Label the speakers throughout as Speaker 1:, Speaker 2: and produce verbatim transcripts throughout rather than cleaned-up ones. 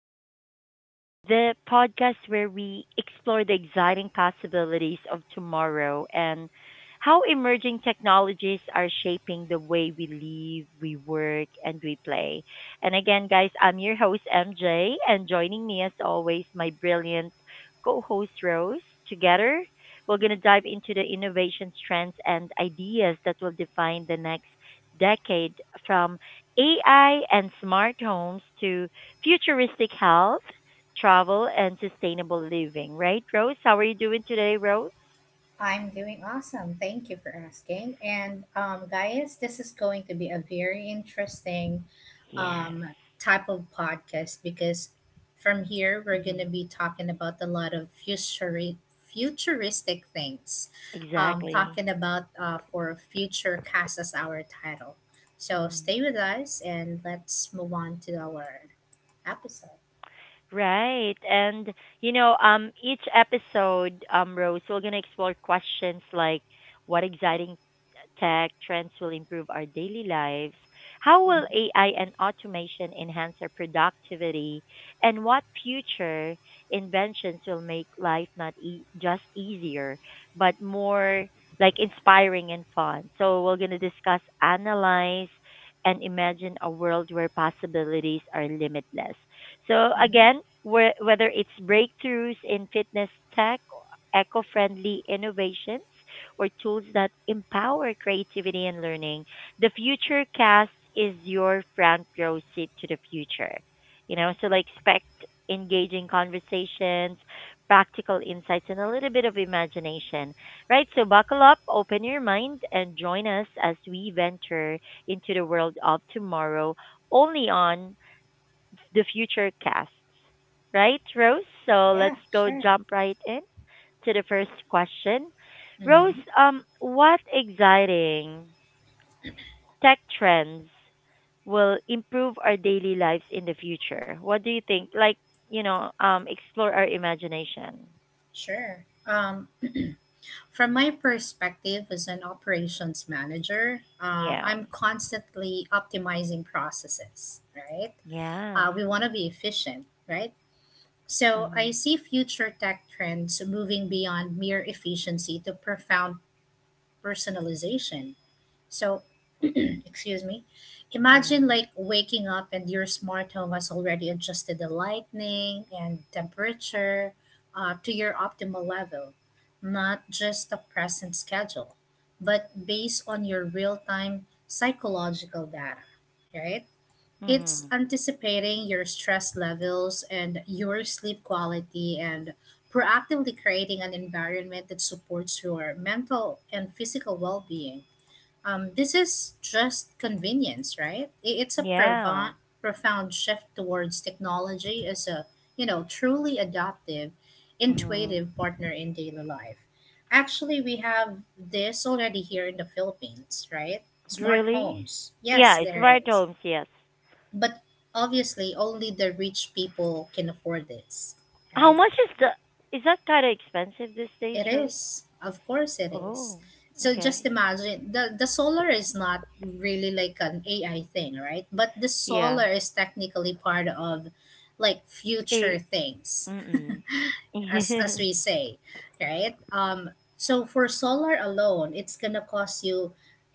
Speaker 1: again. The podcast where we explore the exciting possibilities of tomorrow and how emerging technologies are shaping the way we live, we work, and we play. And again, guys, I'm your host, M J, and joining me, as always, my brilliant co host, Rose. Together, we're going to dive into the innovations, trends, and ideas that will define the next decade from A I and smart homes to futuristic health, travel, and sustainable living. Right, Rose? How are you doing today, Rose?
Speaker 2: I'm doing awesome. Thank you for asking. And um, Guys, this is going to be a very interesting
Speaker 1: Yes.
Speaker 2: um, type of podcast because from here we're going to
Speaker 1: hmm
Speaker 2: be talking about a lot of futuri- futuristic things. Um,
Speaker 1: Exactly.
Speaker 2: talking about uh, for future cast as our title. So stay
Speaker 1: hmm
Speaker 2: with us and let's move on to our episode.
Speaker 1: Right. And you know, um each episode, um, Rose, we're gonna explore questions like what exciting tech trends will improve our daily lives? How will
Speaker 2: Hmm
Speaker 1: A I and automation enhance our productivity? And what future inventions will make life not e- just easier, but more like inspiring and fun? So, we're going to discuss, analyze, and imagine a world where possibilities are limitless. So,
Speaker 2: hmm
Speaker 1: again, whe- whether it's breakthroughs in fitness tech, eco-friendly innovations, or tools that empower creativity and learning, the future cast is your front row seat to the future. You know, so like expect engaging conversations, practical insights, and a little bit of imagination, right? So buckle up, open your mind, and join us as we venture into the world of tomorrow only on the future casts, right, Rose? So
Speaker 2: Yeah,
Speaker 1: let's go
Speaker 2: sure.
Speaker 1: jump right in to the first question. Rose,
Speaker 2: hmm
Speaker 1: um, what exciting tech trends will improve our daily lives in the future? What do you think? Like, you know, um, explore our imagination.
Speaker 2: Sure. Um, From my perspective as an operations manager, uh,
Speaker 1: Yeah.
Speaker 2: I'm constantly optimizing processes, right?
Speaker 1: Yes.
Speaker 2: Uh, we want to be efficient, right? So I
Speaker 1: Mhm.
Speaker 2: see future tech trends moving beyond mere efficiency to profound personalization. So excuse me, imagine
Speaker 1: Mhm.
Speaker 2: like waking up and your smart home has already adjusted the lighting and temperature uh, to your optimal level, not just a present schedule but based on your real-time psychological data, right? It's
Speaker 1: Mhm.
Speaker 2: anticipating your stress levels and your sleep quality and proactively creating an environment that supports your mental and physical well-being. Um, this is just convenience, right? I- It's a
Speaker 1: Yeah.
Speaker 2: provo- profound shift towards technology as a, you know, truly adaptive,
Speaker 1: Mhm.
Speaker 2: intuitive partner in daily life. Actually, we have this already here in the Philippines, right? Smart
Speaker 1: Really?
Speaker 2: homes. Yes,
Speaker 1: Yeah,
Speaker 2: there
Speaker 1: smart
Speaker 2: is.
Speaker 1: homes. Yes.
Speaker 2: But obviously, only the rich people can afford this,
Speaker 1: How
Speaker 2: right?
Speaker 1: much is the? Is that kind of expensive these days,
Speaker 2: It
Speaker 1: Rose?
Speaker 2: is. Of course it is.
Speaker 1: Oh.
Speaker 2: So just
Speaker 1: Okay.
Speaker 2: imagine, the the solar is not really like an A I thing, right? But the
Speaker 1: Yeah.
Speaker 2: solar is technically part of like future things,
Speaker 1: Mm-mm.
Speaker 2: as as we say, right? Um so for solar alone, it's going to cost you,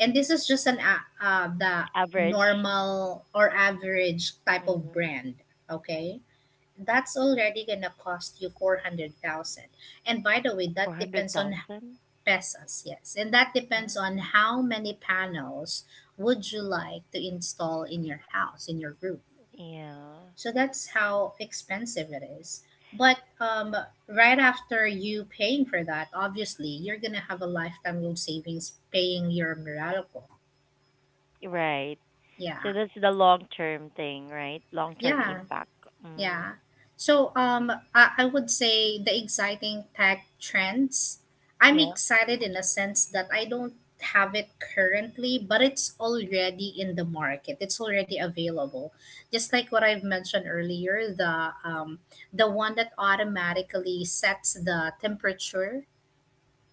Speaker 2: and this is just an a- uh, the
Speaker 1: Average.
Speaker 2: normal or average type of
Speaker 1: Mm-hmm.
Speaker 2: brand, okay? That's already going to cost you four hundred thousand. And by the way, that depends on—
Speaker 1: four hundred thousand?
Speaker 2: Pesos, yes. And that depends
Speaker 1: Wow.
Speaker 2: on how many panels would you like to install in your house, in your roof.
Speaker 1: Yeah.
Speaker 2: So that's how expensive it is. But um, right after you paying for that, obviously, you're going to have a lifetime loan savings paying your Meralco.
Speaker 1: Right.
Speaker 2: Yeah.
Speaker 1: So that's the long term thing, right? Long term
Speaker 2: Yeah.
Speaker 1: impact. Mm.
Speaker 2: Yeah. So um I, I would say the exciting tech trends. I'm
Speaker 1: Yeah.
Speaker 2: excited in a sense that I don't have it currently, but it's already in the market. It's already available. Just like what I've mentioned earlier, the um the one that automatically sets the temperature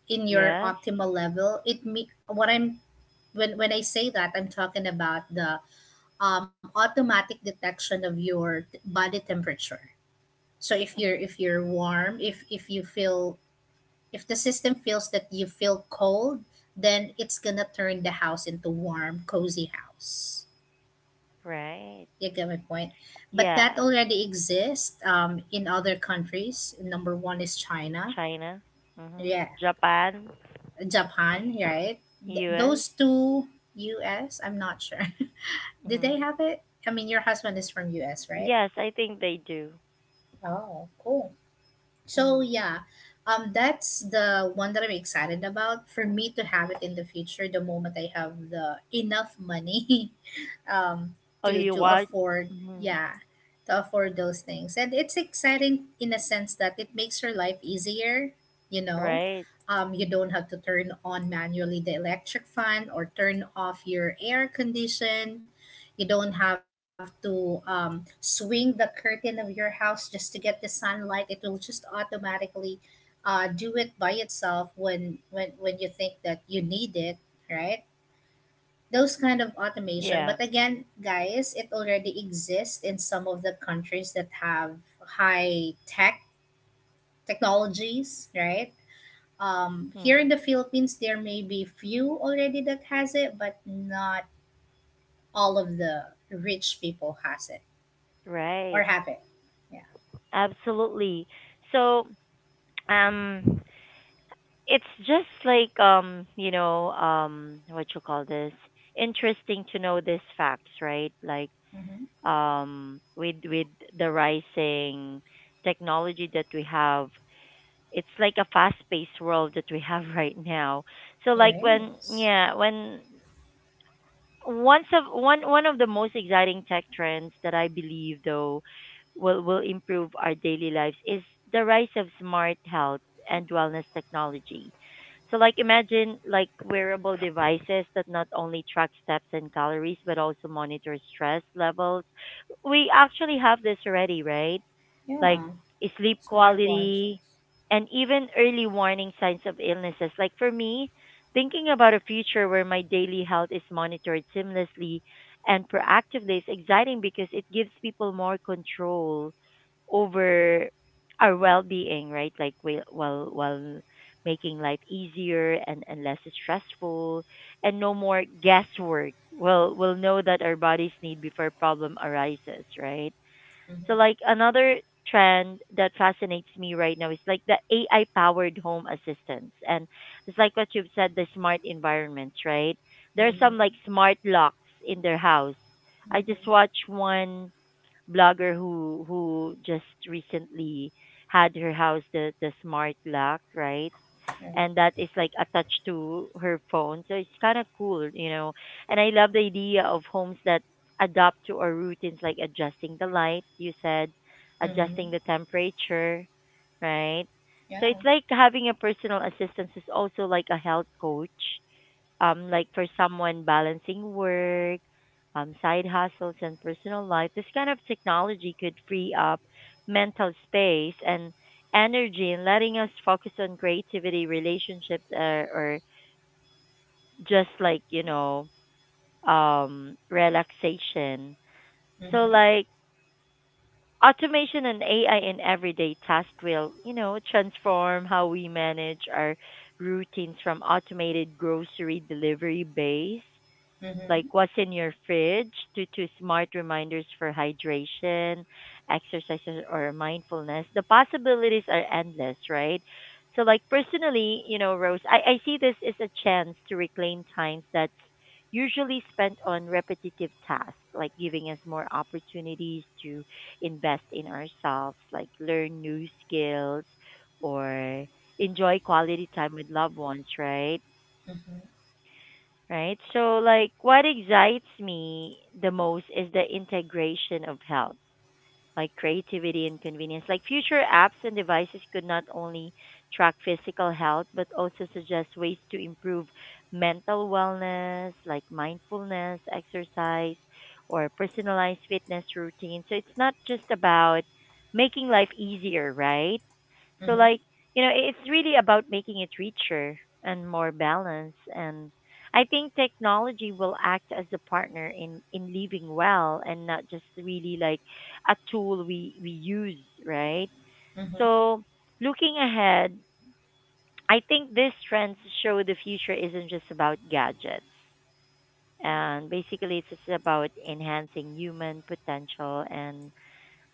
Speaker 2: in your
Speaker 1: Yes.
Speaker 2: optimal level. It me what I'm when when I say that, I'm talking about the um, automatic detection of your t- body temperature. So if you're
Speaker 1: Mm-hmm.
Speaker 2: if you're warm, if if you feel— if the system feels that you feel cold, then it's gonna turn the house into warm, cozy house.
Speaker 1: Right.
Speaker 2: You get my point. But that
Speaker 1: Yeah.
Speaker 2: already exists um, in other countries. Number one is China.
Speaker 1: China. Mm-hmm.
Speaker 2: Yeah,
Speaker 1: Japan.
Speaker 2: Japan. Right. Th-
Speaker 1: U S.
Speaker 2: those two, U. am not sure. Did
Speaker 1: Mm-hmm.
Speaker 2: they have it? I mean, your husband is from U S. Right?
Speaker 1: Yes, I think they do.
Speaker 2: Oh, cool. So
Speaker 1: Mm-hmm.
Speaker 2: yeah, um, that's the one that I'm excited about for me to have it in the future. The moment I have the enough money, um,
Speaker 1: Oh,
Speaker 2: to
Speaker 1: you
Speaker 2: to
Speaker 1: want?
Speaker 2: afford,
Speaker 1: Mm-hmm.
Speaker 2: yeah, to afford those things, and it's exciting in a sense that it makes your life easier. You know,
Speaker 1: Right.
Speaker 2: um, you don't have to turn on manually the electric fan or turn off your air condition. You don't have to um, swing the curtain of your house just to get the sunlight. It will just automatically uh, do it by itself when when when you think that you need it, right? Those kind of automation.
Speaker 1: Yeah.
Speaker 2: But again, guys, it already exists in some of the countries that have high tech technologies, right? Um, here in
Speaker 1: Mm.
Speaker 2: the Philippines, there may be few already that has it, but not all of the rich people has it, or
Speaker 1: Right.
Speaker 2: have it. Yeah.
Speaker 1: Absolutely. So, um, it's just like um, you know, um, what you call this? Interesting to know these facts, right? Like
Speaker 2: Mm-hmm.
Speaker 1: um, with with the rising technology that we have, it's like a fast-paced world that we have right now. So,
Speaker 2: It
Speaker 1: like when
Speaker 2: is.
Speaker 1: yeah, when Once of one one of the most exciting tech trends that I believe though will will improve our daily lives is the rise of smart health and wellness technology. So like imagine like wearable devices that not only track steps and calories but also monitor stress levels. We actually have this already, right? Like
Speaker 2: Yeah.
Speaker 1: sleep quality,
Speaker 2: Smartwatches.
Speaker 1: and even early warning signs of illnesses. Like for me, thinking about a future where my daily health is monitored seamlessly and proactively is exciting because it gives people more control over our well-being, right? Like while while while making life easier and, and less stressful and no more guesswork. We'll we'll know that our bodies need before problem arises, right? So like
Speaker 2: Mm-hmm.
Speaker 1: another trend that fascinates me right now is like the A I powered home assistants. And it's like what you've said, the smart environments, right? There are
Speaker 2: Mm-hmm.
Speaker 1: some like smart locks in their house. I just
Speaker 2: Mm-hmm.
Speaker 1: watched one blogger who who just recently had her house the the smart lock, right?
Speaker 2: Right.
Speaker 1: And that is like attached to her phone. So it's kind of cool, you know. And I love the idea of homes that adapt to our routines, like adjusting the light, you said,
Speaker 2: Mm-hmm.
Speaker 1: adjusting the temperature, right? So it's
Speaker 2: Yeah.
Speaker 1: like having a personal assistant who's also like a health coach, um, like for someone balancing work, um, side hustles, and personal life, this kind of technology could free up mental space and energy and letting us focus on creativity, relationships, or, or just like, you know, um, relaxation. So,
Speaker 2: Mm-hmm.
Speaker 1: like, automation and A I in everyday tasks will, you know, transform how we manage our routines from automated grocery delivery base like
Speaker 2: Mm-hmm.
Speaker 1: what's in your fridge to, to smart reminders for hydration, exercises, or mindfulness, the possibilities are endless, right? So, like personally, you know, Rose, I, I see this as a chance to reclaim times that's usually spent on repetitive tasks, like giving us more opportunities to invest in ourselves, like learn new skills or enjoy quality time with loved ones, right?
Speaker 2: Mm-hmm.
Speaker 1: Right? So, like, what excites me the most is the integration of health, like creativity and convenience. Like, future apps and devices could not only track physical health, but also suggest ways to improve mental wellness, like mindfulness, exercise, or personalized fitness routine. So, it's not just about making life easier, right? So
Speaker 2: Mm-hmm.
Speaker 1: like, you know, it's really about making it richer and more balanced and I think technology will act as a partner in in living well and not just really like a tool we we use, right?
Speaker 2: Mm-hmm.
Speaker 1: So, looking ahead, I think these trends show the future isn't just about gadgets. And basically, it's just about enhancing human potential and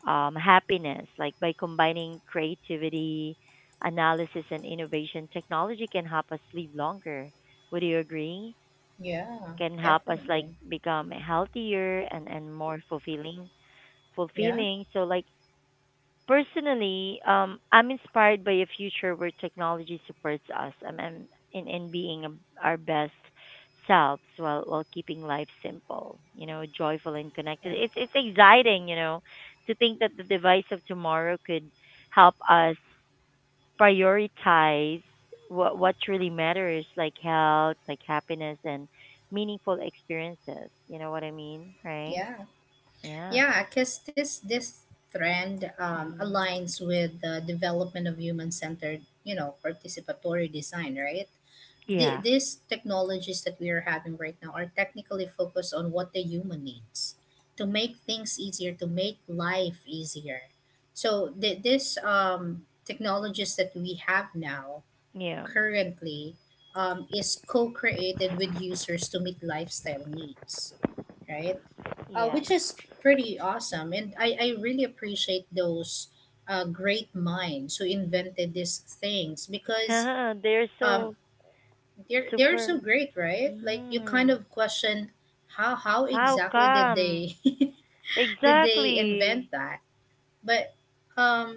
Speaker 1: um, happiness. Like by combining creativity, analysis, and innovation, technology can help us live longer. Would you agree?
Speaker 2: Yeah.
Speaker 1: Can help us like
Speaker 2: Definitely.
Speaker 1: become healthier and, and more fulfilling.
Speaker 2: Yeah.
Speaker 1: Fulfilling. So like personally, um, I'm inspired by a future where technology supports us um, and in, in being um, our best selves while while keeping life simple, you know, joyful and connected.
Speaker 2: Yeah.
Speaker 1: It's it's exciting, you know, to think that the device of tomorrow could help us prioritize what what truly matters, like health, like happiness, and meaningful experiences. You know what I mean, right?
Speaker 2: Yeah.
Speaker 1: Yeah.
Speaker 2: Yeah, because this this trend um,
Speaker 1: hmm
Speaker 2: aligns with the development of human-centered, you know, participatory design, right? The,
Speaker 1: Yeah.
Speaker 2: these technologies that we are having right now are technically focused on what the human needs to make things easier, to make life easier. So the, this um, technologies that we have now
Speaker 1: Yeah.
Speaker 2: currently um, is co-created with users to meet lifestyle needs, right? Uh,
Speaker 1: Yeah.
Speaker 2: which is pretty awesome. And I, I really appreciate those uh, great minds who invented these things because
Speaker 1: Yeah, they're
Speaker 2: um,
Speaker 1: so
Speaker 2: they're— they're
Speaker 1: super.
Speaker 2: so great, right? Like you kind
Speaker 1: Mm,
Speaker 2: of question how how
Speaker 1: how
Speaker 2: exactly did
Speaker 1: come?
Speaker 2: they did they invent
Speaker 1: Exactly.
Speaker 2: that? But um,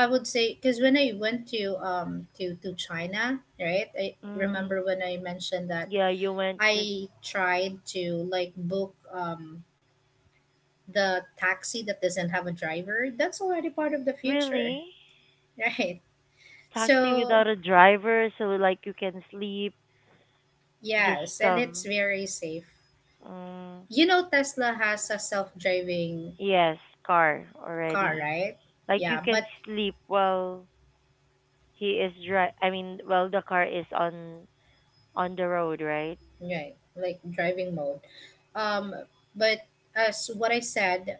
Speaker 2: I would say because when I went to um to to China, right? I remember
Speaker 1: Mm,
Speaker 2: when I mentioned that
Speaker 1: yeah, you went just
Speaker 2: I tried to like book um the taxi that doesn't have a driver, that's already part of the future,
Speaker 1: really
Speaker 2: right?
Speaker 1: taxi without
Speaker 2: So,
Speaker 1: a driver, so like you can sleep. Just
Speaker 2: yes, and it's
Speaker 1: um,
Speaker 2: very safe.
Speaker 1: mm,
Speaker 2: You know, Tesla has a self driving
Speaker 1: yes, car
Speaker 2: car,
Speaker 1: already.
Speaker 2: right?
Speaker 1: Like you
Speaker 2: Yeah,
Speaker 1: can
Speaker 2: but,
Speaker 1: sleep while he is dri. I mean, while the car is on on the road, right?
Speaker 2: right, like driving mode. Um, but as what I said,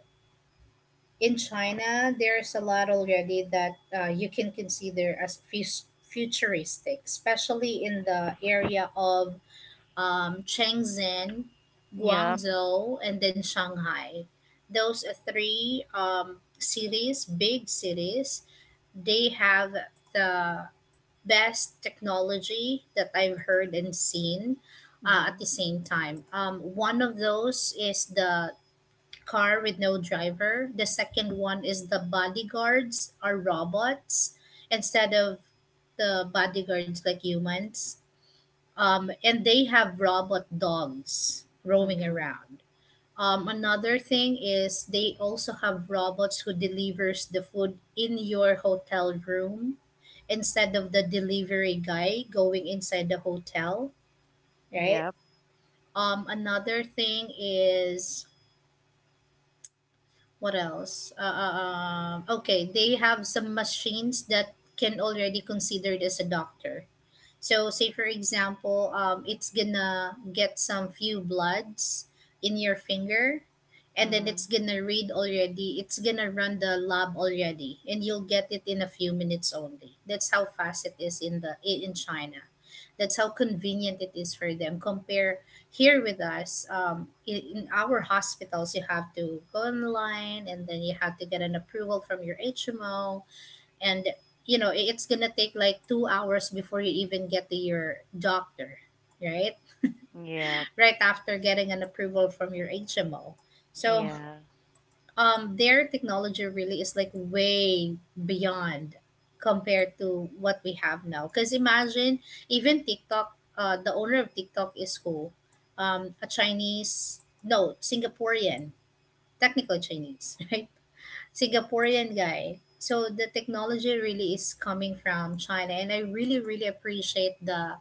Speaker 2: in China, there's a lot already that uh, you can consider as fus- futuristic, especially in the area of um, Shenzhen,
Speaker 1: Yep.
Speaker 2: Guangzhou, and then Shanghai. Those are three um, cities, big cities, they have the best technology that I've heard and seen uh, at the
Speaker 1: Mhm.
Speaker 2: same time. Um, one of those is the car with no driver. The second one is the bodyguards are robots instead of the bodyguards like humans, um, and they have robot dogs roaming
Speaker 1: Mhm.
Speaker 2: around. Um, another thing is they also have robots who delivers the food in your hotel room instead of the delivery guy going inside the hotel, right?
Speaker 1: Yep.
Speaker 2: Um, another thing is what else? Uh, uh, uh, okay, they have some machines that can already considered as a doctor. So, say for example, um, it's gonna get some few bloods in your finger, and then
Speaker 1: Mhm.
Speaker 2: it's gonna read already. It's gonna run the lab already, and you'll get it in a few minutes only. That's how fast it is in the i- in China. That's how convenient it is for them. Compare here with us, um, in, in our hospitals, you have to go online and then you have to get an approval from your H M O, and you know it's gonna take like two hours before you even get to your doctor, right,
Speaker 1: Yep.
Speaker 2: right after getting an approval from your hmo. so
Speaker 1: Yeah.
Speaker 2: um their technology really is like way beyond compared to what we have now, because imagine even tiktok, uh, the owner of tiktok is who? Um, a chinese, no, singaporean, technical chinese right, Singaporean guy. So the technology really is coming from China, and I really really appreciate the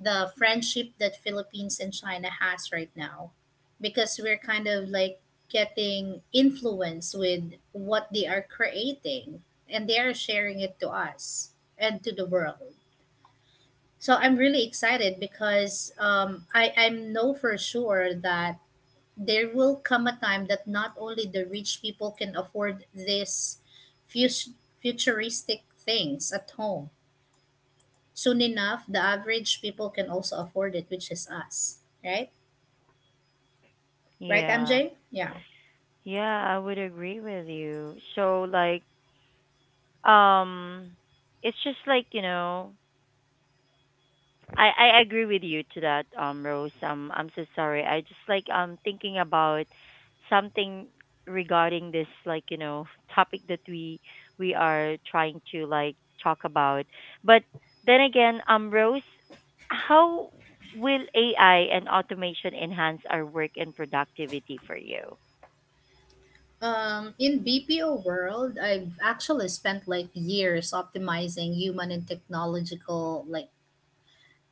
Speaker 2: the friendship that Philippines and China has right now, because we're kind of like getting influence with what they are creating and they are sharing it to us and to the world. So I'm really excited because um, I, I know for sure that there will come a time that not only the rich people can afford these fus- futuristic things at home. Soon enough, the average people can also afford it, which is us, right? Right,
Speaker 1: Yeah.
Speaker 2: M J? Yeah.
Speaker 1: Yeah, I would agree with you. So like um it's just like, you know, I I agree with you to that um Rose. Um I'm so sorry. I just like um thinking about something regarding this like, you know, topic that we we are trying to like talk about. But then again, um Rose, how will A I and automation enhance our work and productivity for you?
Speaker 2: Um, in B P O world, I've actually spent like years optimizing human and technological like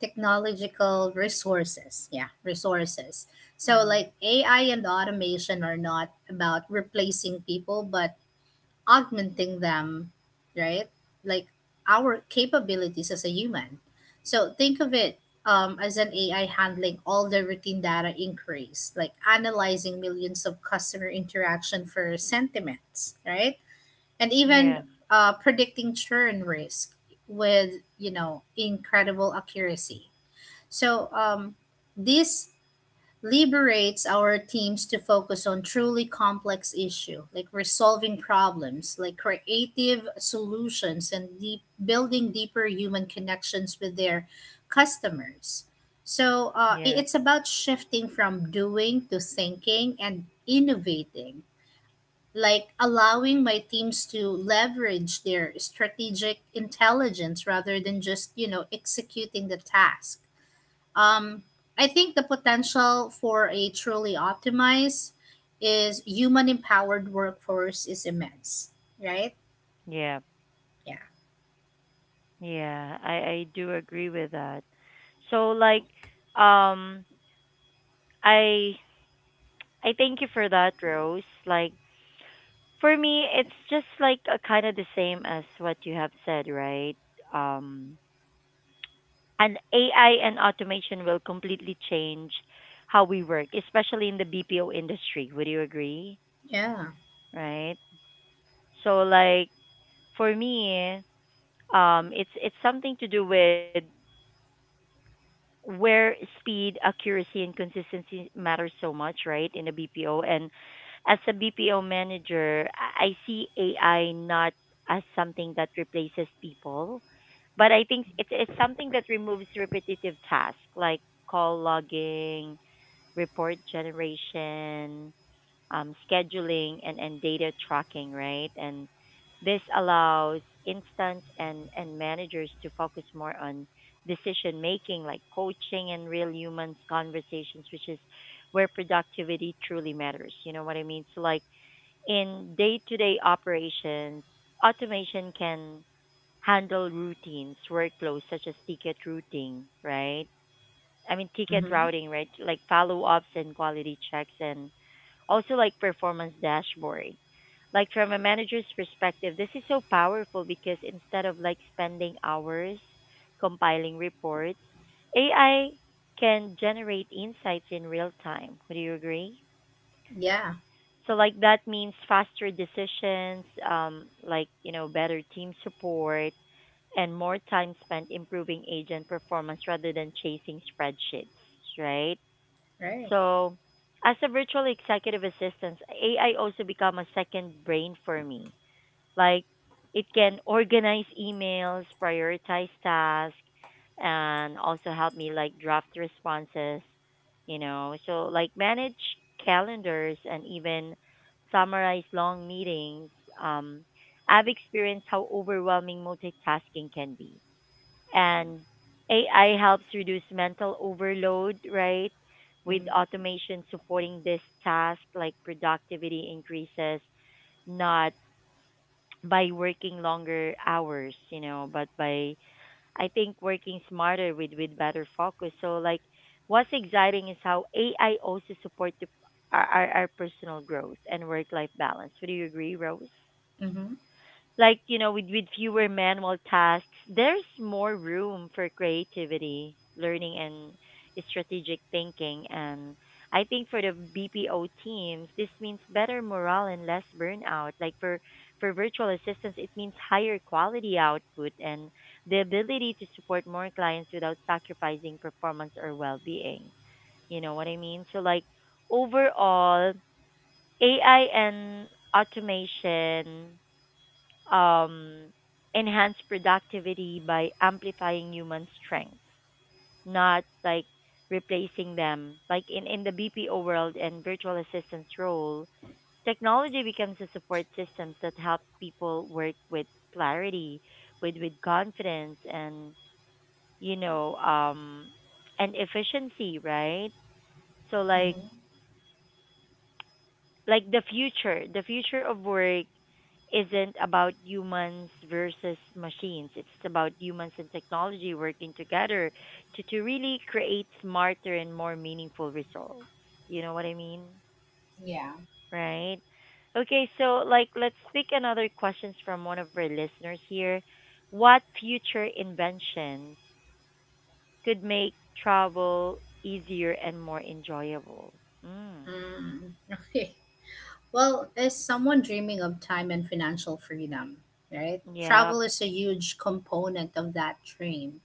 Speaker 2: technological resources. Yeah, resources. So
Speaker 1: Mm-hmm.
Speaker 2: like A I and automation are not about replacing people, but augmenting them, right? Like our capabilities as a human. So think of it um, as an A I handling all the routine data inquiries, like analyzing millions of customer interaction for sentiments, right? And
Speaker 1: Yeah,
Speaker 2: even uh, predicting churn risk with, you know, incredible accuracy. So um, this liberates our teams to focus on truly complex issue, like resolving problems like creative solutions and deep, building deeper human connections with their customers. So uh, i-
Speaker 1: yeah,
Speaker 2: it's about shifting from doing to thinking and innovating, like allowing my teams to leverage their strategic intelligence rather than just, you know, executing the task. um, I think the potential for a truly optimized is human empowered workforce is immense, right?
Speaker 1: yeah,
Speaker 2: Yeah.
Speaker 1: yeah. I I do agree with that. So like, um, I I thank you for that, Rose. Like for me, it's just like a, kind of the same as what you have said, right? Um, and A I and automation will completely change how we work, especially in the B P O industry. Would you agree?
Speaker 2: Yeah.
Speaker 1: Right? So like for me, um, it's it's something to do with where speed, accuracy, and consistency matter so much, right, in a B P O. And as a B P O manager, I I see A I not as something that replaces people, but I think it's, it's something that removes repetitive tasks like call logging, report generation, um, scheduling, and, and data tracking, right? And this allows instant and, and managers to focus more on decision making, like coaching and real humans conversations, which is where productivity truly matters. You know what I mean? So, like in day to day operations, automation can handle routines, workflows such as ticket routing, right? I mean, ticket
Speaker 2: Mm-hmm.
Speaker 1: routing, right? Like follow ups and quality checks and also, like performance dashboard. Like from a manager's perspective, this is so powerful because instead of like spending hours compiling reports, A I can generate insights in real time. Would you agree?
Speaker 2: Yeah.
Speaker 1: So like that means faster decisions, um, like you know better team support and more time spent improving agent performance rather than chasing spreadsheets, right?
Speaker 2: Right.
Speaker 1: So, as a virtual executive assistant, A I also become a second brain for me. Like it can organize emails, prioritize tasks, and also help me like draft responses, you know. So like manage calendars and even summarize long meetings. Um I've experienced how overwhelming multitasking can be and A I helps reduce mental overload, right? With
Speaker 2: Mm-hmm.
Speaker 1: automation supporting this task, like productivity increases, not by working longer hours, you know, but by I think working smarter with with better focus. So like what's exciting is how A I also support the, our, our our personal growth and work life balance. Would you agree, Rose?
Speaker 2: Mm-hmm.
Speaker 1: Like you know with with fewer manual tasks there's more room for creativity learning and strategic thinking and I think for the BPO teams this means better morale and less burnout like for for virtual assistants it means higher quality output and the ability to support more clients without sacrificing performance or well-being, you know what I mean. So like overall AI and automation um, enhance productivity by amplifying human strengths, not like replacing them. Like in, in the B P O world and virtual assistant's role, technology becomes a support system that helps people work with clarity, with, with confidence, and, you know, um, and efficiency, right? So, like,
Speaker 2: Mm-hmm.
Speaker 1: like the future the future of work isn't about humans versus machines. It's about humans and technology working together to to really create smarter and more meaningful results, you know what I mean,
Speaker 2: Yeah.
Speaker 1: right? Okay, so, like, let's pick another questions from one of our listeners here. What future inventions could make travel easier and more enjoyable? mm,
Speaker 2: Mm. Okay. Well, as someone dreaming of time and financial freedom, right?
Speaker 1: yep.
Speaker 2: Travel is a huge component of that dream.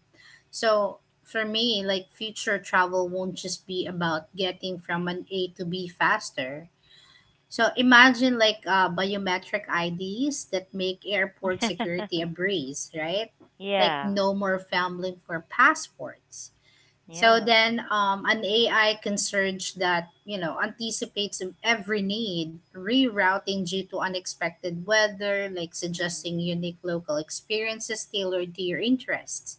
Speaker 2: So for me, like future travel won't just be about getting from an A to B faster. So imagine like uh, biometric I Ds that make airport security a breeze, right? Like
Speaker 1: Yeah.
Speaker 2: no more fumbling for passports. So
Speaker 1: Yeah.
Speaker 2: then um, an A I can search that, you know, anticipates every need, rerouting due to unexpected weather, like
Speaker 1: Mm-hmm.
Speaker 2: suggesting unique local experiences tailored to your interests,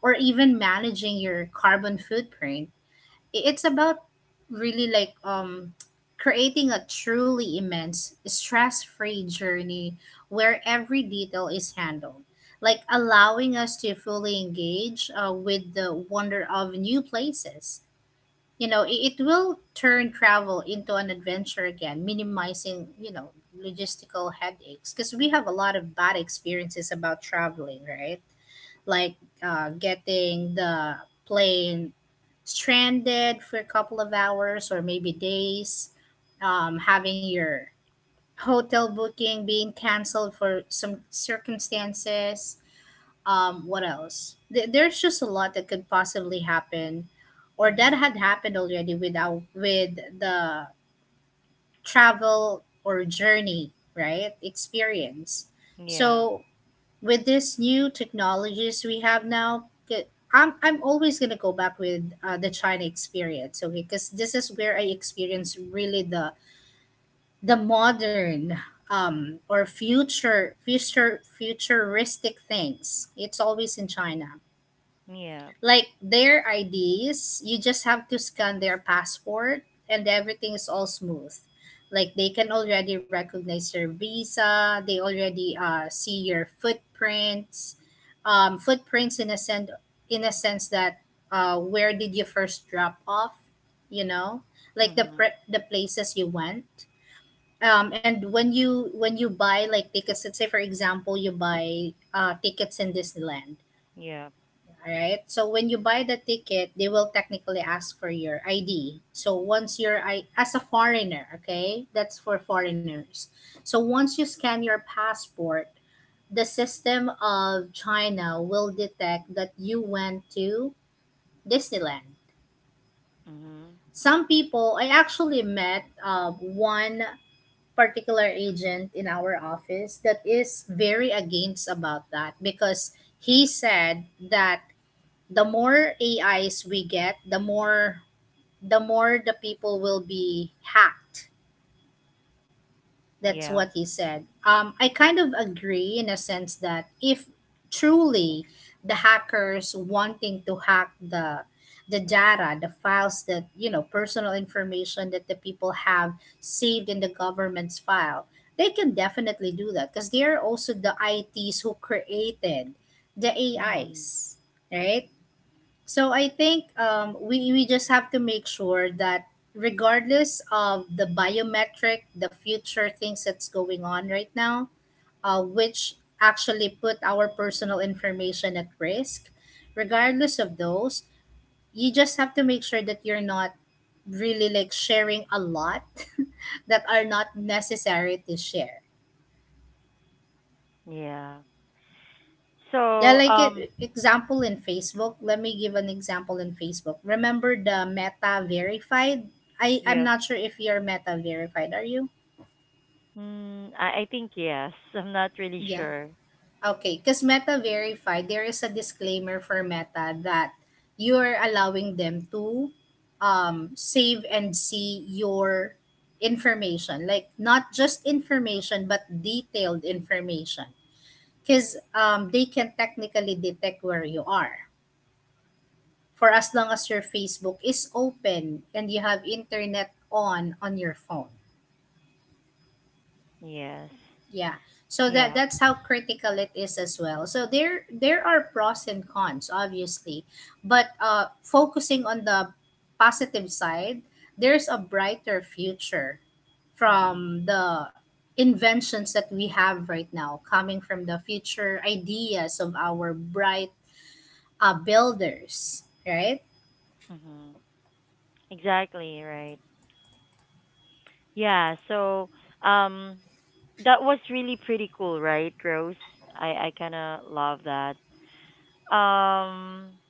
Speaker 2: or even managing your carbon footprint. It's about really like um creating a truly immense stress-free journey where every detail is handled, like allowing us to fully engage uh, with the wonder of new places. You know, it, it will turn travel into an adventure again, minimizing, you know, logistical headaches, because we have a lot of bad experiences about traveling, right? Like uh, getting the plane stranded for a couple of hours or maybe days, um, having your hotel booking being canceled for some circumstances. Um, what else? Th- there's just a lot that could possibly happen, or that
Speaker 1: Mm-hmm.
Speaker 2: had happened already with our, with the travel or journey, right? Experience.
Speaker 1: Yeah.
Speaker 2: So with this new technologies we have now, k- I'm I'm always gonna go back with uh, the China experience, okay? Because this is where I experience really the the modern um or future future futuristic things. It's always in China
Speaker 1: Yeah.
Speaker 2: like their I Ds, you just have to scan their passport and everything is all smooth. Like they can already recognize your visa, they already uh, see your footprints, um, footprints in a sense in a sense that uh, where did you first drop off, you know, like the
Speaker 1: Mm-hmm.
Speaker 2: pre- the places you went. Um, and when you when you buy like tickets, let's say for example you buy uh, tickets in Disneyland,
Speaker 1: Yeah.
Speaker 2: all right. So when you buy the ticket, they will technically ask for your I D. So once you're I as a foreigner, okay, that's for foreigners. So once you scan your passport, the system of China will detect that you went to Disneyland.
Speaker 1: Mm-hmm.
Speaker 2: Some people, I actually met uh, one particular agent in our office that is very against about that because he said that the more A Is we get, the more the more the people will be hacked. That's
Speaker 1: Yeah.
Speaker 2: what he said. Um, I kind of agree in a sense that if truly the hackers wanting to hack the the data, the files that you know, personal information that the people have saved in the government's file, they can definitely do that because they are also the I Ts who created the
Speaker 1: Mm.
Speaker 2: A Is, right? So I think um, we, we just have to make sure that regardless of the biometric, the future things that's going on right now, uh, which actually put our personal information at risk, regardless of those, you just have to make sure that you're not really like sharing a lot that are not necessary to share.
Speaker 1: Yeah.
Speaker 2: Yeah,
Speaker 1: So,
Speaker 2: like
Speaker 1: um,
Speaker 2: e- example in Facebook. Let me give an example in Facebook. Remember the Meta Verified? I I'm
Speaker 1: yeah.
Speaker 2: not sure if you're Meta Verified. Are you?
Speaker 1: Mm, I, I think yes. I'm not really
Speaker 2: Yeah.
Speaker 1: sure.
Speaker 2: Okay. Because Meta Verified, there is a disclaimer for Meta that you are allowing them to um, save and see your information, like not just information but detailed information, because um, they can technically detect where you are, for as long as your Facebook is open and you have internet on on your phone.
Speaker 1: Yes.
Speaker 2: Yeah. So that
Speaker 1: Yeah.
Speaker 2: that's how critical it is as well. So there there are pros and cons obviously, but uh focusing on the positive side, there's a brighter future
Speaker 1: Mm-hmm.
Speaker 2: from the inventions that we have right now coming from the future ideas of our bright uh, builders, right?
Speaker 1: Mm-hmm. Exactly, right. Yeah, so um that was really pretty cool, right, Rose? I I kind of love that. Um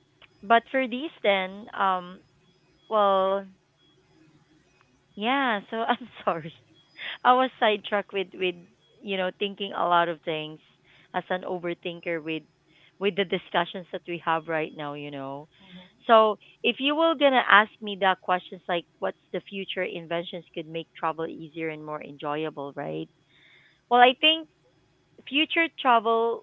Speaker 1: but for these then, um well, yeah, so I'm sorry. I was sidetracked with with you know thinking a lot of things as an overthinker with with the discussions that we have right now, you know. So, if you were going to ask me that questions like what's the future inventions could make travel easier and more enjoyable, right? Well, I think future travel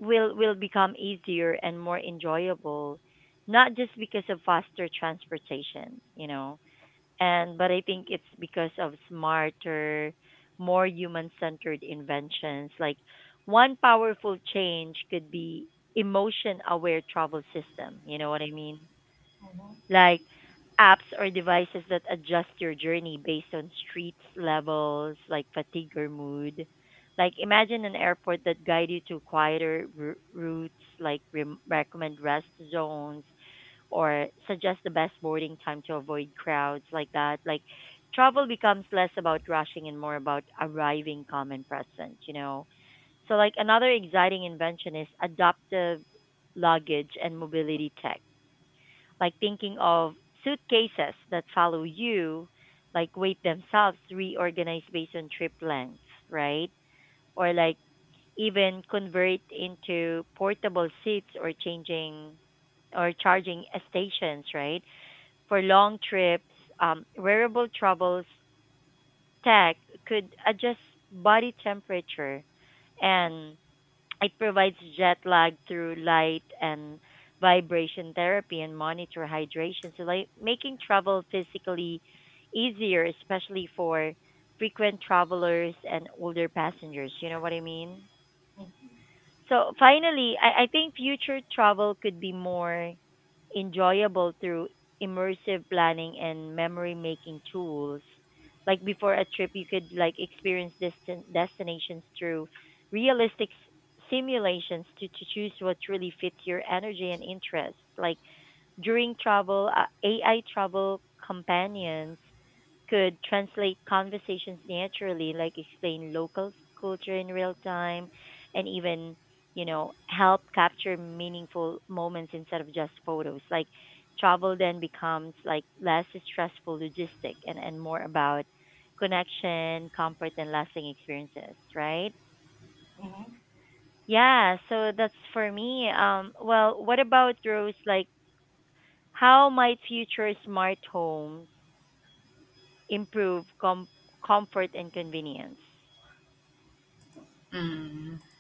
Speaker 1: will will become easier and more enjoyable, not just because of faster transportation, you know, and but I think it's because of smarter, more human-centered inventions. Like, one powerful change could be emotion-aware travel system. You know what I mean?
Speaker 2: Mm-hmm.
Speaker 1: Like apps or devices that adjust your journey based on street levels, like fatigue or mood. Like imagine an airport that guide you to quieter r- routes, like rem recommend rest zones or suggest the best boarding time to avoid crowds like that. Like travel becomes less about rushing and more about arriving calm and present, you know. So like another exciting invention is adaptive luggage and mobility tech. Like thinking of suitcases that follow you, like weight themselves, reorganize based on trip length, right? Or like even convert into portable seats or changing or charging stations, right? For long trips, um, wearable troubles tech could adjust body temperature and it provides jet lag through light and vibration therapy and monitor hydration. So, like making travel physically easier, especially for frequent travelers and older passengers. You know what I mean? So finally, I, I think future travel could be more enjoyable through immersive planning and memory making tools. Like before a trip, you could like experience distant destinations through realistic s- simulations to, to choose what really fits your energy and interest. Like during travel, uh, A I travel companions could translate conversations naturally, like explain local culture in real time and even, you know, help capture meaningful moments instead of just photos. Like travel then becomes like less stressful logistic and, and more about connection, comfort and lasting experiences, right?
Speaker 2: Mm-hmm.
Speaker 1: Yeah, so that's for me. Um well, what about Rose, like how might future smart homes improve com- comfort and convenience?
Speaker 2: mm hmm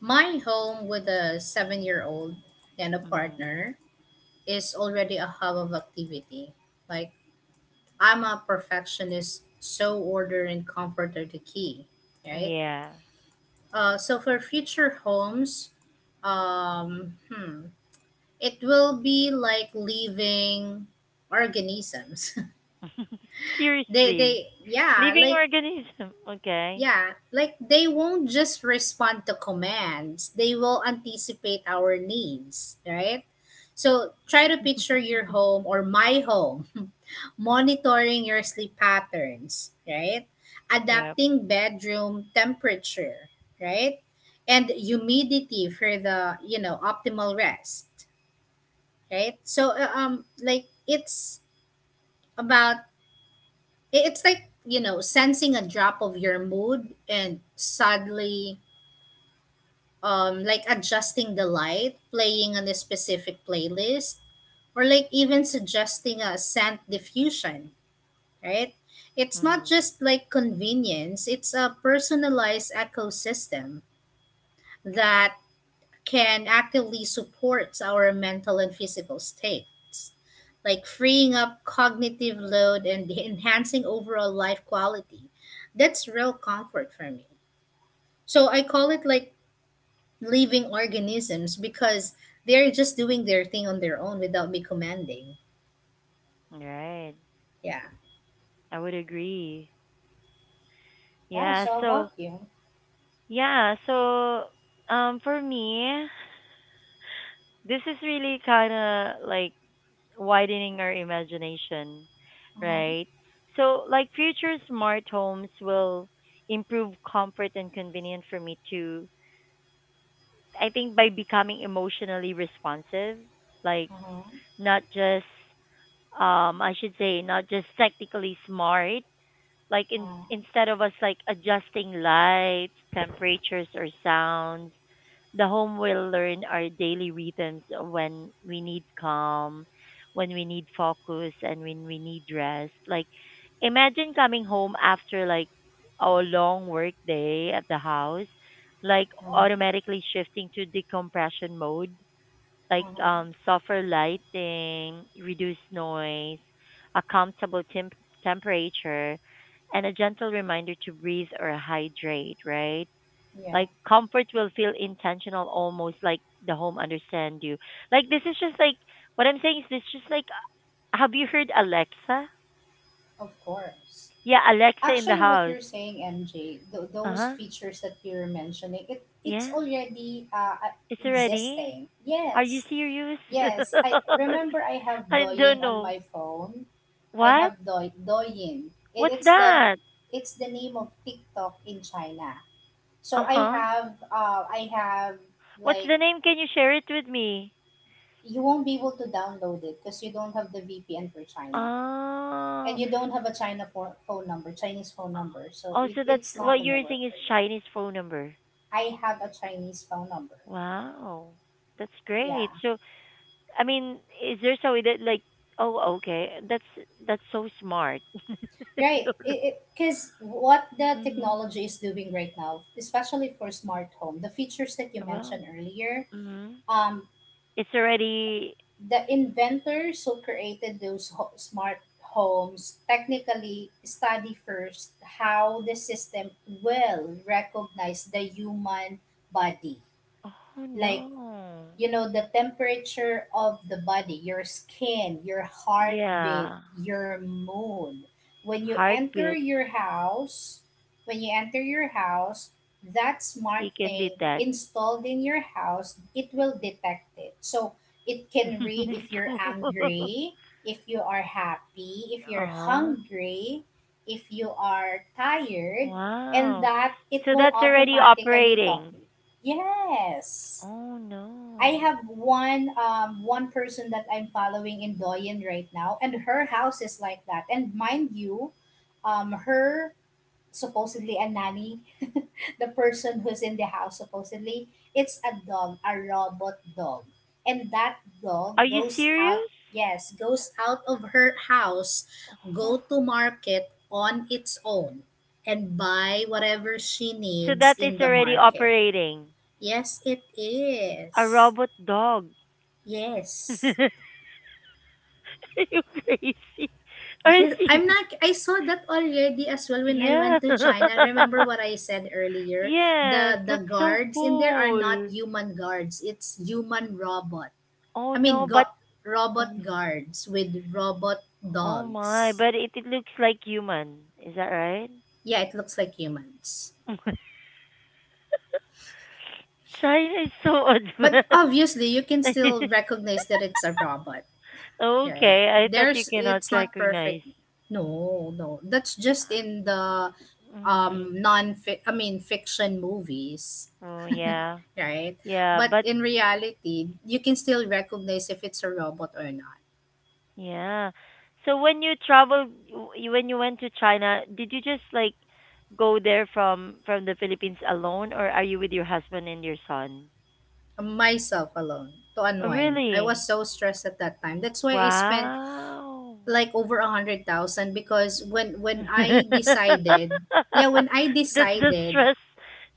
Speaker 2: My home with a seven-year-old old and a
Speaker 1: Mm,
Speaker 2: partner is already a hub of activity. Like, I'm a perfectionist, so order and comfort are the key, right?
Speaker 1: yeah.
Speaker 2: Uh, so, for future homes, um, hmm, it will be like leaving organisms. they,
Speaker 1: Seriously.
Speaker 2: they, yeah,
Speaker 1: Living
Speaker 2: like
Speaker 1: organism. Okay.
Speaker 2: yeah, like they won't just respond to commands, they will anticipate our needs, right? So try to picture your home or my home monitoring your sleep patterns, right?
Speaker 1: Yep.
Speaker 2: Adapting bedroom temperature, right? And humidity for the, you know, optimal rest, right? So uh, um like it's about it- it's like, you know, sensing a drop of your mood and suddenly um, like adjusting the light, playing on a specific playlist, or like even suggesting a scent diffusion, right? It's not
Speaker 1: Mm-hmm.
Speaker 2: just like convenience, it's a personalized ecosystem that can actively support our mental and physical states, like freeing up cognitive load and enhancing overall life quality. That's real comfort for me. So I call it like living organisms because they're just doing their thing on their own without me commanding.
Speaker 1: Right.
Speaker 2: Yeah.
Speaker 1: I would agree.
Speaker 2: Yeah.
Speaker 1: Yeah.
Speaker 2: So
Speaker 1: So,
Speaker 2: about you.
Speaker 1: yeah. So, um, for me, this is really kind of like widening our imagination, right?
Speaker 2: Mm-hmm.
Speaker 1: So, like, future smart homes will improve comfort and convenience for me too. I think by becoming emotionally responsive, like,
Speaker 2: Mm-hmm.
Speaker 1: not just um I should say not just technically smart. Like in
Speaker 2: Mm-hmm.
Speaker 1: instead of us like adjusting lights, temperatures or sounds, the home will learn our daily rhythms, when we need calm, when we need focus and when we need rest. Like imagine coming home after like a long work day at the house, like
Speaker 2: Mm-hmm.
Speaker 1: automatically shifting to decompression mode, like
Speaker 2: Mm-hmm.
Speaker 1: um, softer lighting, reduced noise, a comfortable temp- temperature, and a gentle reminder to breathe or hydrate, right?
Speaker 2: Yeah.
Speaker 1: Like comfort will feel intentional, almost like the home understand you. Like this is just like what I'm saying is this just like, have you heard Alexa?
Speaker 2: Of course.
Speaker 1: Yeah, Alexa in the
Speaker 2: Actually, what
Speaker 1: house.
Speaker 2: you're saying, M J, th- those
Speaker 1: Uh-huh.
Speaker 2: features that you're mentioning, it it's
Speaker 1: Yeah.
Speaker 2: already uh, uh,
Speaker 1: It's already.
Speaker 2: existing.
Speaker 1: Are you
Speaker 2: Yes.
Speaker 1: serious?
Speaker 2: Yes. I remember I have
Speaker 1: I don't
Speaker 2: Doyen on
Speaker 1: know.
Speaker 2: my phone. I
Speaker 1: What?
Speaker 2: have Doi Douyin. It,
Speaker 1: What's
Speaker 2: it's the
Speaker 1: that?
Speaker 2: it's the name of TikTok in China.
Speaker 1: Uh
Speaker 2: So I
Speaker 1: huh.
Speaker 2: have uh I have
Speaker 1: What's
Speaker 2: like
Speaker 1: the name? Can you share it with me?
Speaker 2: you won't be able to download it because you don't have the V P N for China and
Speaker 1: Oh,
Speaker 2: you don't have a China for, phone number, Chinese phone number. So
Speaker 1: oh,
Speaker 2: it,
Speaker 1: so that's
Speaker 2: it's not
Speaker 1: what you're
Speaker 2: gonna work
Speaker 1: using is
Speaker 2: for you.
Speaker 1: Chinese phone number.
Speaker 2: I have a Chinese phone number.
Speaker 1: Wow, that's
Speaker 2: Yeah.
Speaker 1: great. So, I mean, is there so that like, oh, okay, that's that's so smart. I
Speaker 2: Right.
Speaker 1: don't know.
Speaker 2: It because what the
Speaker 1: Mhm.
Speaker 2: technology is doing right now, especially for smart home, the features that you
Speaker 1: Well,
Speaker 2: mentioned earlier,
Speaker 1: mhm.
Speaker 2: um,
Speaker 1: It's already.
Speaker 2: the inventors who created those ho- smart homes technically study first how the system will recognize the human body,
Speaker 1: Oh
Speaker 2: like
Speaker 1: no.
Speaker 2: you know the temperature of the body, your skin, your heartbeat,
Speaker 1: Yeah,
Speaker 2: your mood, when you enter
Speaker 1: heartbeat.
Speaker 2: your house when you enter your house that smart
Speaker 1: He can
Speaker 2: thing
Speaker 1: detect.
Speaker 2: installed in your house, it will detect it. So it can read if
Speaker 1: It's
Speaker 2: you're
Speaker 1: cool.
Speaker 2: angry, if you are happy, if you're
Speaker 1: Uh-huh.
Speaker 2: hungry, if you are tired, and
Speaker 1: Wow.
Speaker 2: that it
Speaker 1: So
Speaker 2: will
Speaker 1: that's already
Speaker 2: automatically talk
Speaker 1: operating.
Speaker 2: to you. Yes,
Speaker 1: Oh
Speaker 2: I
Speaker 1: no.
Speaker 2: have one um one person that I'm following in Doyen right now, and her house is like that. And mind you, um, her supposedly a nanny, the person who's in the house supposedly, it's a dog, a robot dog, and that dog
Speaker 1: Are you
Speaker 2: goes
Speaker 1: serious?
Speaker 2: out. Yes, goes out of her house, go
Speaker 1: Huh.
Speaker 2: to market on its own, and buy whatever she
Speaker 1: So
Speaker 2: needs
Speaker 1: that is
Speaker 2: in the
Speaker 1: already
Speaker 2: market.
Speaker 1: operating.
Speaker 2: Yes, it
Speaker 1: A
Speaker 2: is.
Speaker 1: robot dog.
Speaker 2: Yes.
Speaker 1: Are you crazy? Are you
Speaker 2: Yes, I'm
Speaker 1: serious?
Speaker 2: not. I saw that already as well when I
Speaker 1: Yeah.
Speaker 2: went to China. Remember what I said earlier?
Speaker 1: Yes,
Speaker 2: The the
Speaker 1: that's so
Speaker 2: guards in there are not
Speaker 1: cool.
Speaker 2: human guards. It's human robot.
Speaker 1: Oh
Speaker 2: I
Speaker 1: no,
Speaker 2: mean,
Speaker 1: but
Speaker 2: go- robot
Speaker 1: oh,
Speaker 2: guards with robot
Speaker 1: oh my,
Speaker 2: dogs.
Speaker 1: but it, it looks like human. Is that right?
Speaker 2: Yeah, it looks like humans.
Speaker 1: China is so
Speaker 2: But
Speaker 1: advanced.
Speaker 2: obviously, you can still recognize that it's a robot, right?
Speaker 1: Okay, I thought you
Speaker 2: There's
Speaker 1: cannot
Speaker 2: it's not
Speaker 1: recognize.
Speaker 2: perfect. No, no. That's just in the
Speaker 1: Mm.
Speaker 2: um non I mean fiction movies,
Speaker 1: Oh yeah,
Speaker 2: right?
Speaker 1: yeah,
Speaker 2: But
Speaker 1: but
Speaker 2: in reality, you can still recognize if it's a robot or not.
Speaker 1: yeah. So when you traveled, w- when you went to China, did you just like go there from from the Philippines alone, or are you with your husband and your son?
Speaker 2: Myself alone to
Speaker 1: Oh,
Speaker 2: unwind. I was
Speaker 1: really?
Speaker 2: so stressed at that time. That's why I spent
Speaker 1: Wow.
Speaker 2: like over a hundred thousand because when when
Speaker 1: That's the
Speaker 2: I decided, yeah, when I decided,
Speaker 1: stress.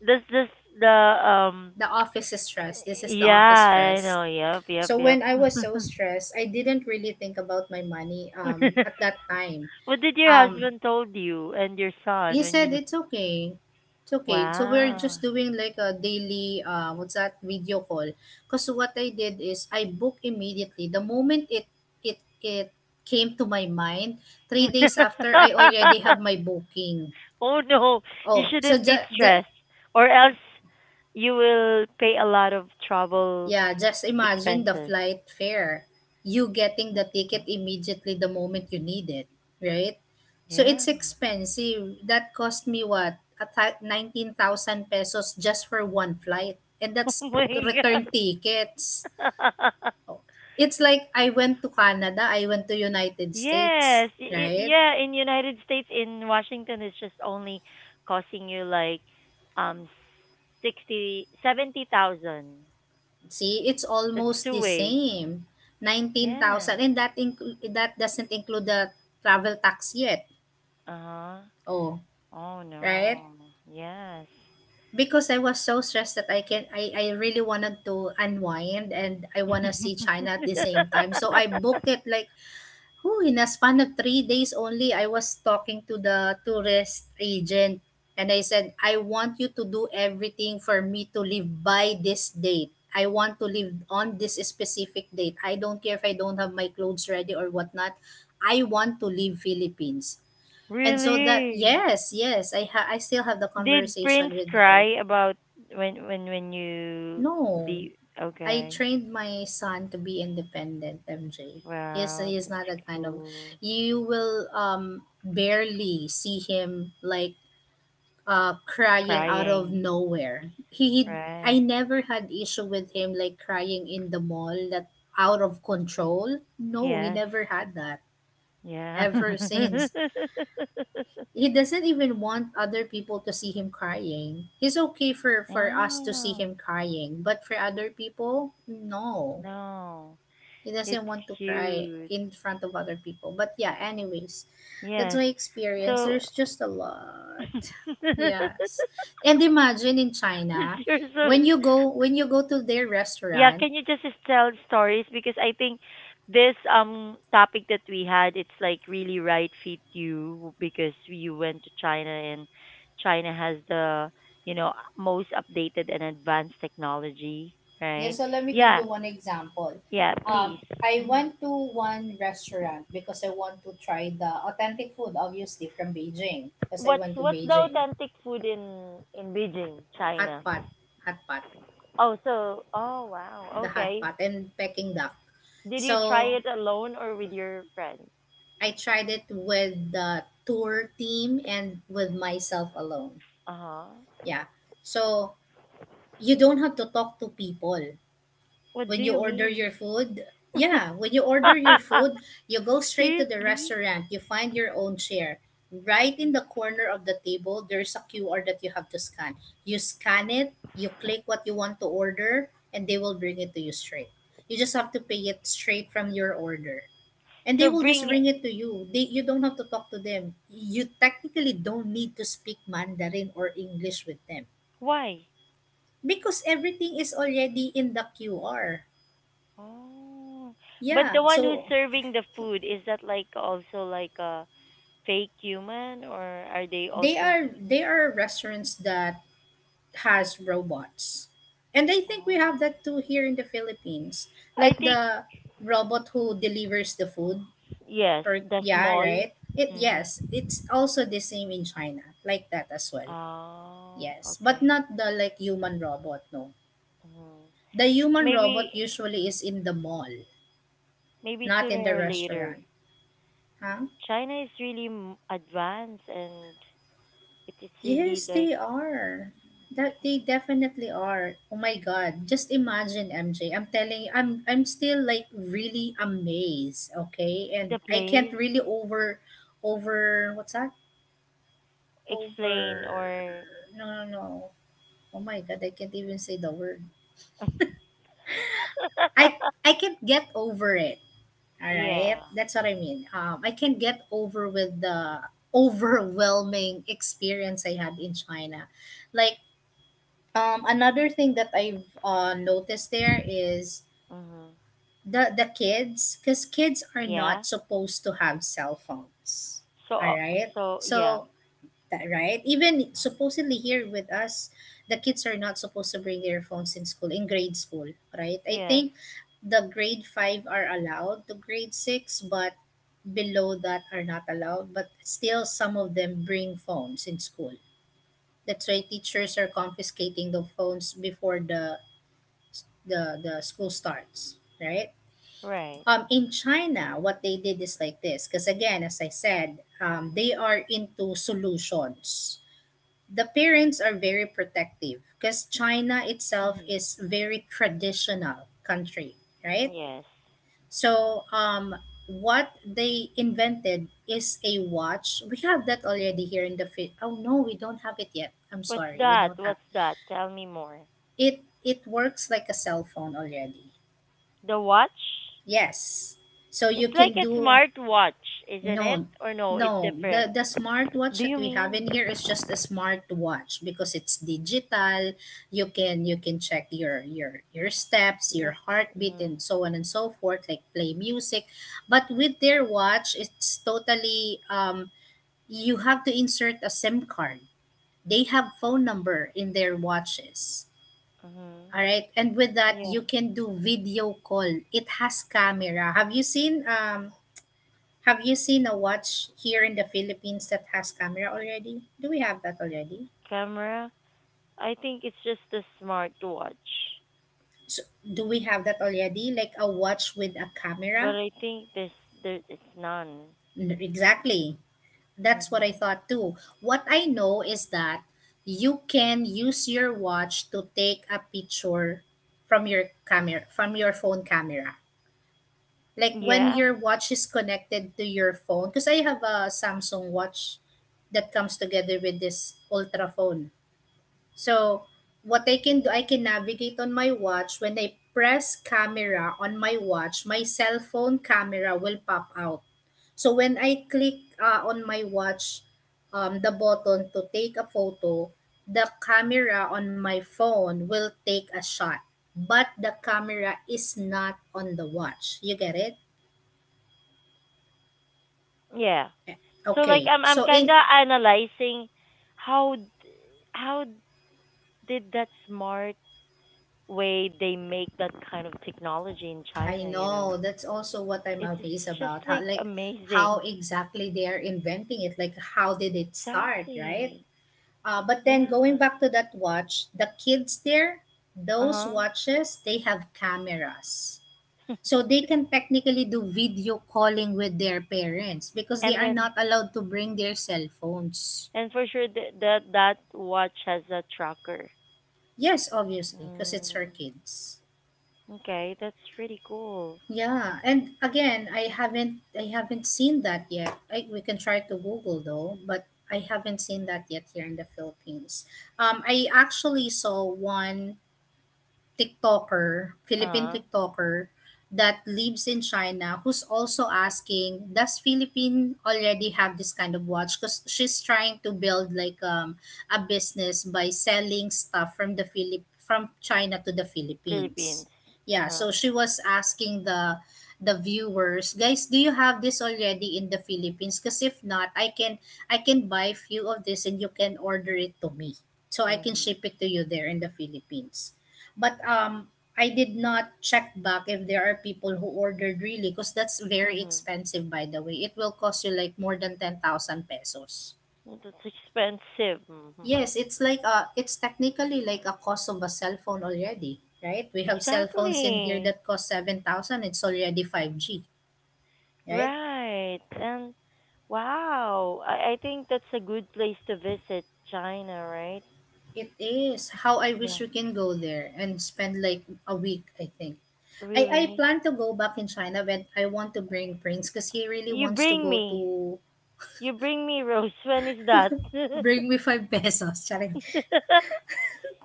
Speaker 1: That's just the um.
Speaker 2: the office is stress. This is the
Speaker 1: Yeah,
Speaker 2: office
Speaker 1: I
Speaker 2: stress.
Speaker 1: know. Yep, yep,
Speaker 2: So
Speaker 1: yep.
Speaker 2: when I was so stressed, I didn't really think about my money um at that time.
Speaker 1: What did your
Speaker 2: Um
Speaker 1: husband told you and your son
Speaker 2: He
Speaker 1: when
Speaker 2: said,
Speaker 1: you?
Speaker 2: "It's okay. It's okay." So we're
Speaker 1: Wow.
Speaker 2: just doing like a daily, uh, what's that, video call. Cause what I did is I booked immediately. The moment it, it, it came to my mind, three days after, I already have my booking.
Speaker 1: Oh no, you
Speaker 2: Oh, so
Speaker 1: shouldn't be
Speaker 2: the, the,
Speaker 1: stressed, or else you will pay a lot of travel
Speaker 2: yeah, just imagine the
Speaker 1: expenses.
Speaker 2: flight fare. You getting the
Speaker 1: My
Speaker 2: ticket
Speaker 1: God.
Speaker 2: immediately the moment you need it, right? So
Speaker 1: Yeah.
Speaker 2: it's expensive. That cost me what? A thou- nineteen thousand pesos just for one flight. And
Speaker 1: Oh
Speaker 2: that's
Speaker 1: my
Speaker 2: return
Speaker 1: God.
Speaker 2: tickets. It's like I went to Canada, I went to United States,
Speaker 1: Yes, I I
Speaker 2: right?
Speaker 1: yeah, in United States, in Washington, it's just only costing you like um sixty, seventy thousand.
Speaker 2: See, it's
Speaker 1: That's
Speaker 2: almost
Speaker 1: two
Speaker 2: the
Speaker 1: way.
Speaker 2: same.
Speaker 1: Yeah.
Speaker 2: nineteen thousand and that inclu- that doesn't include the travel tax yet.
Speaker 1: Uh-huh.
Speaker 2: Oh,
Speaker 1: Oh
Speaker 2: right?
Speaker 1: no. Yes.
Speaker 2: Because I was so stressed that I can I, I really wanted to unwind and I wanna see China at the same time. So I booked it like oh in a span of three days only. I was talking to the tourist agent and I said I want you to do everything for me to leave by this date. I want to leave on this specific date. I don't care if I don't have my clothes ready or whatnot. I want to leave Philippines. And so that
Speaker 1: Really?
Speaker 2: yes, yes, I ha- I still have the
Speaker 1: Did
Speaker 2: conversation
Speaker 1: Prince
Speaker 2: with her.
Speaker 1: cry about when when when you
Speaker 2: No,
Speaker 1: leave?
Speaker 2: I
Speaker 1: Okay.
Speaker 2: trained my son to be independent, M J. He's,
Speaker 1: Wow,
Speaker 2: he's
Speaker 1: that's
Speaker 2: not that kind of,
Speaker 1: cool.
Speaker 2: you will um barely see him like uh crying out of
Speaker 1: Crying,
Speaker 2: nowhere. He, he I
Speaker 1: right?
Speaker 2: never had issue with him like crying in the mall that out of control. No, he
Speaker 1: Yes.
Speaker 2: never had that
Speaker 1: Yeah.
Speaker 2: ever since. He doesn't even want other people to see him crying. He's okay for for us to see
Speaker 1: Oh,
Speaker 2: him crying, but for other people, no.
Speaker 1: no.
Speaker 2: He
Speaker 1: It's
Speaker 2: doesn't want to cry
Speaker 1: cute.
Speaker 2: in front of other people. But yeah, anyways, that's
Speaker 1: Yes.
Speaker 2: my experience.
Speaker 1: So,
Speaker 2: There's just a lot. Yes. And imagine in China,
Speaker 1: you're so
Speaker 2: when you go when you go to their
Speaker 1: yeah,
Speaker 2: restaurant.
Speaker 1: can you just tell stories because I think this um topic that we had, it's like really right fit you because you went to China and China has the, you know, most updated and advanced technology,
Speaker 2: Yeah,
Speaker 1: right?
Speaker 2: so let me give
Speaker 1: Yeah,
Speaker 2: you one example.
Speaker 1: yeah, please.
Speaker 2: Um I
Speaker 1: Mhm.
Speaker 2: went to one restaurant because I want to try the authentic food, obviously from Beijing. Because I
Speaker 1: What's
Speaker 2: went to
Speaker 1: what's the
Speaker 2: Beijing,
Speaker 1: authentic food in in Beijing,
Speaker 2: hot
Speaker 1: China?
Speaker 2: pot, hot pot,
Speaker 1: Oh, so oh wow,
Speaker 2: the hot
Speaker 1: okay.
Speaker 2: pot, and Peking duck.
Speaker 1: Did you try
Speaker 2: So
Speaker 1: it alone or with your friends?
Speaker 2: I tried it with the tour team and with myself alone.
Speaker 1: Uh huh.
Speaker 2: Yeah. So you don't have to talk to people
Speaker 1: What do
Speaker 2: when you
Speaker 1: you
Speaker 2: order your
Speaker 1: mean?
Speaker 2: food. Yeah, when you order your food, you go straight to the
Speaker 1: Seriously?
Speaker 2: restaurant. You find your own chair. Right in the corner of the table, there's a Q R that you have to scan. You scan it, you click what you want to order, and they will bring it to you straight. You just have to pay it straight from your order, and they
Speaker 1: So
Speaker 2: will just
Speaker 1: bring
Speaker 2: bring
Speaker 1: it.
Speaker 2: it to you. They You don't have to talk to them. You technically don't need to speak Mandarin or English with them
Speaker 1: Why?
Speaker 2: because everything is already in the QR.
Speaker 1: Oh, but
Speaker 2: Yeah,
Speaker 1: the one who's
Speaker 2: so
Speaker 1: serving the food is that like also like a fake human or are they
Speaker 2: they
Speaker 1: also
Speaker 2: are
Speaker 1: you?
Speaker 2: they are restaurants that has robots, and I think we
Speaker 1: Oh.
Speaker 2: have that too here in the Philippines,
Speaker 1: I
Speaker 2: like
Speaker 1: think
Speaker 2: the robot who delivers the food.
Speaker 1: yes,
Speaker 2: Per
Speaker 1: the
Speaker 2: Yeah,
Speaker 1: small.
Speaker 2: right, it
Speaker 1: Mhm.
Speaker 2: yes, it's also the same in China, like that as well.
Speaker 1: Oh,
Speaker 2: Yes, but
Speaker 1: okay.
Speaker 2: not the like human robot, no.
Speaker 1: Mhm.
Speaker 2: The human
Speaker 1: Maybe
Speaker 2: robot usually is in the mall,
Speaker 1: maybe
Speaker 2: not
Speaker 1: sooner
Speaker 2: in the
Speaker 1: or later.
Speaker 2: restaurant. Huh?
Speaker 1: China is really m- advanced and it is really
Speaker 2: Yes,
Speaker 1: like
Speaker 2: they are. That they definitely are. Oh my god. Just imagine, M J. I'm telling you, I'm I'm still like really amazed, okay?
Speaker 1: the
Speaker 2: And I can't
Speaker 1: place,
Speaker 2: really over over what's that?
Speaker 1: explain
Speaker 2: Over.
Speaker 1: or
Speaker 2: No, no, no. Oh my god, I can't even say the word. I I can't get over it. All right,
Speaker 1: Yeah.
Speaker 2: that's what I mean. Um, I can't get over with the overwhelming experience I had in China. Like um, another thing that I've uh, noticed there is
Speaker 1: Mm-hmm.
Speaker 2: the the kids, because kids are
Speaker 1: Yeah.
Speaker 2: not supposed to have cell phones.
Speaker 1: So,
Speaker 2: All
Speaker 1: uh,
Speaker 2: right,
Speaker 1: so yeah.
Speaker 2: so that, right, even
Speaker 1: Mm.
Speaker 2: supposedly here with us, the kids are not supposed to bring their phones in school, in grade school, right? I
Speaker 1: Yes.
Speaker 2: think the grade five are allowed to, grade six, but below that are not allowed. But still some of them bring phones in school. That's why teachers are confiscating the phones before the the, the school starts, right?
Speaker 1: Right.
Speaker 2: Um in China, what they did is like this, because again, as I said, um, they are into solutions. The parents are very protective because China itself
Speaker 1: Mm-hmm.
Speaker 2: is very traditional country, right?
Speaker 1: Yes.
Speaker 2: So um what they invented is a watch. We have that already here in the Phil- Oh no, we don't have it yet. I'm
Speaker 1: What's
Speaker 2: sorry, we
Speaker 1: that?
Speaker 2: don't have
Speaker 1: What's that? Tell me more.
Speaker 2: it. It works like a cell phone already.
Speaker 1: The watch?
Speaker 2: Yes. So
Speaker 1: It's
Speaker 2: you
Speaker 1: like
Speaker 2: can
Speaker 1: a
Speaker 2: do.
Speaker 1: smart watch, isn't it?
Speaker 2: No,
Speaker 1: Or no, it's
Speaker 2: no.
Speaker 1: different.
Speaker 2: The the smartwatch
Speaker 1: Do
Speaker 2: that
Speaker 1: you
Speaker 2: we have
Speaker 1: mean?
Speaker 2: in here is just a smartwatch because it's digital. You can you can check your your your steps, your
Speaker 1: Yep.
Speaker 2: heartbeat,
Speaker 1: Mm-hmm.
Speaker 2: and so on and so forth, like play music, but with their watch, it's totally um. You have to insert a SIM card. They have phone number in their watches.
Speaker 1: Mm-hmm.
Speaker 2: All right, and with that,
Speaker 1: Yeah.
Speaker 2: you can do video call. It has camera. Have you seen um? Have you seen a watch here in the Philippines that has camera already? Do we have that already?
Speaker 1: Camera? I think it's just a smart watch.
Speaker 2: So, do we have that already? Like a watch with a
Speaker 1: But
Speaker 2: camera?
Speaker 1: I think there's there it's none.
Speaker 2: N- Exactly. That's what I
Speaker 1: Mm.
Speaker 2: thought too. What I know is that you can use your watch to take a picture from your camera, from your phone camera, like when
Speaker 1: Yeah.
Speaker 2: your watch is connected to your phone, because I have a Samsung watch that comes together with this ultra phone. So, what I can do, I can navigate on my watch. When I press camera on my watch, my cell phone camera will pop out. So, when I click uh, on my watch, um, the button to take a photo, the camera on my phone will take a shot. But the camera is not on the watch. You get it?
Speaker 1: Yeah. So like
Speaker 2: Okay.
Speaker 1: I'm I'm
Speaker 2: So,
Speaker 1: kind
Speaker 2: in
Speaker 1: of analyzing how d- how did that smart way they make that kind of technology in
Speaker 2: I
Speaker 1: China, you know.
Speaker 2: know. That's also what I'm
Speaker 1: It's just,
Speaker 2: amazed
Speaker 1: just
Speaker 2: about. How,
Speaker 1: like
Speaker 2: like how
Speaker 1: amazing.
Speaker 2: exactly they are inventing it. Like how did it start, right?
Speaker 1: Exactly.
Speaker 2: Uh, but then
Speaker 1: Yeah.
Speaker 2: going back to that watch, the kids there, those
Speaker 1: Uh-huh.
Speaker 2: watches, they have cameras. So they can technically do video calling with their parents because they
Speaker 1: And
Speaker 2: are
Speaker 1: then,
Speaker 2: not allowed to bring their cell phones.
Speaker 1: and for sure that that that watch has a tracker.
Speaker 2: Yes, obviously, because it's her
Speaker 1: Mm,
Speaker 2: kids.
Speaker 1: okay, that's pretty cool.
Speaker 2: Yeah, and again, I haven't I haven't seen that yet. I, we can try to Google though, but I haven't seen that yet here in the Philippines. Um, I actually saw one TikToker, Philippine
Speaker 1: Uh-huh.
Speaker 2: TikToker that lives in China, who's also asking, does Philippine already have this kind of watch? Because she's trying to build like um, a business by selling stuff from the Philip from China to the Philippines.
Speaker 1: Philippines.
Speaker 2: Yeah,
Speaker 1: Uh-huh.
Speaker 2: so she was asking the the viewers, guys, do you have this already in the Philippines? Because if not, I can I can buy few of this and you can order it to me, so I can
Speaker 1: Mhm.
Speaker 2: ship it to you there in the Philippines. But um, I did not check back if there are people who ordered really, because that's very
Speaker 1: Mhm.
Speaker 2: expensive, by the way. It will cost you, like, more than ten thousand pesos.
Speaker 1: That's expensive. Mm, my,
Speaker 2: Yes, it's like a it's technically like a cost of a cellphone already, right? We have cell phones in here
Speaker 1: exactly.
Speaker 2: that cost seven thousand. It's already five g, right?
Speaker 1: Right. And wow, I, I think that's a good place to visit, China, right?
Speaker 2: It is. How I wish
Speaker 1: Yeah,
Speaker 2: we can go there and spend like a week, I think. I, I
Speaker 1: really.
Speaker 2: plan to go back in China when I want to bring Prince, because he really
Speaker 1: You
Speaker 2: wants to
Speaker 1: bring
Speaker 2: go
Speaker 1: me.
Speaker 2: to.
Speaker 1: You bring me, Rose. When is that?
Speaker 2: Bring me five pesos. Charing.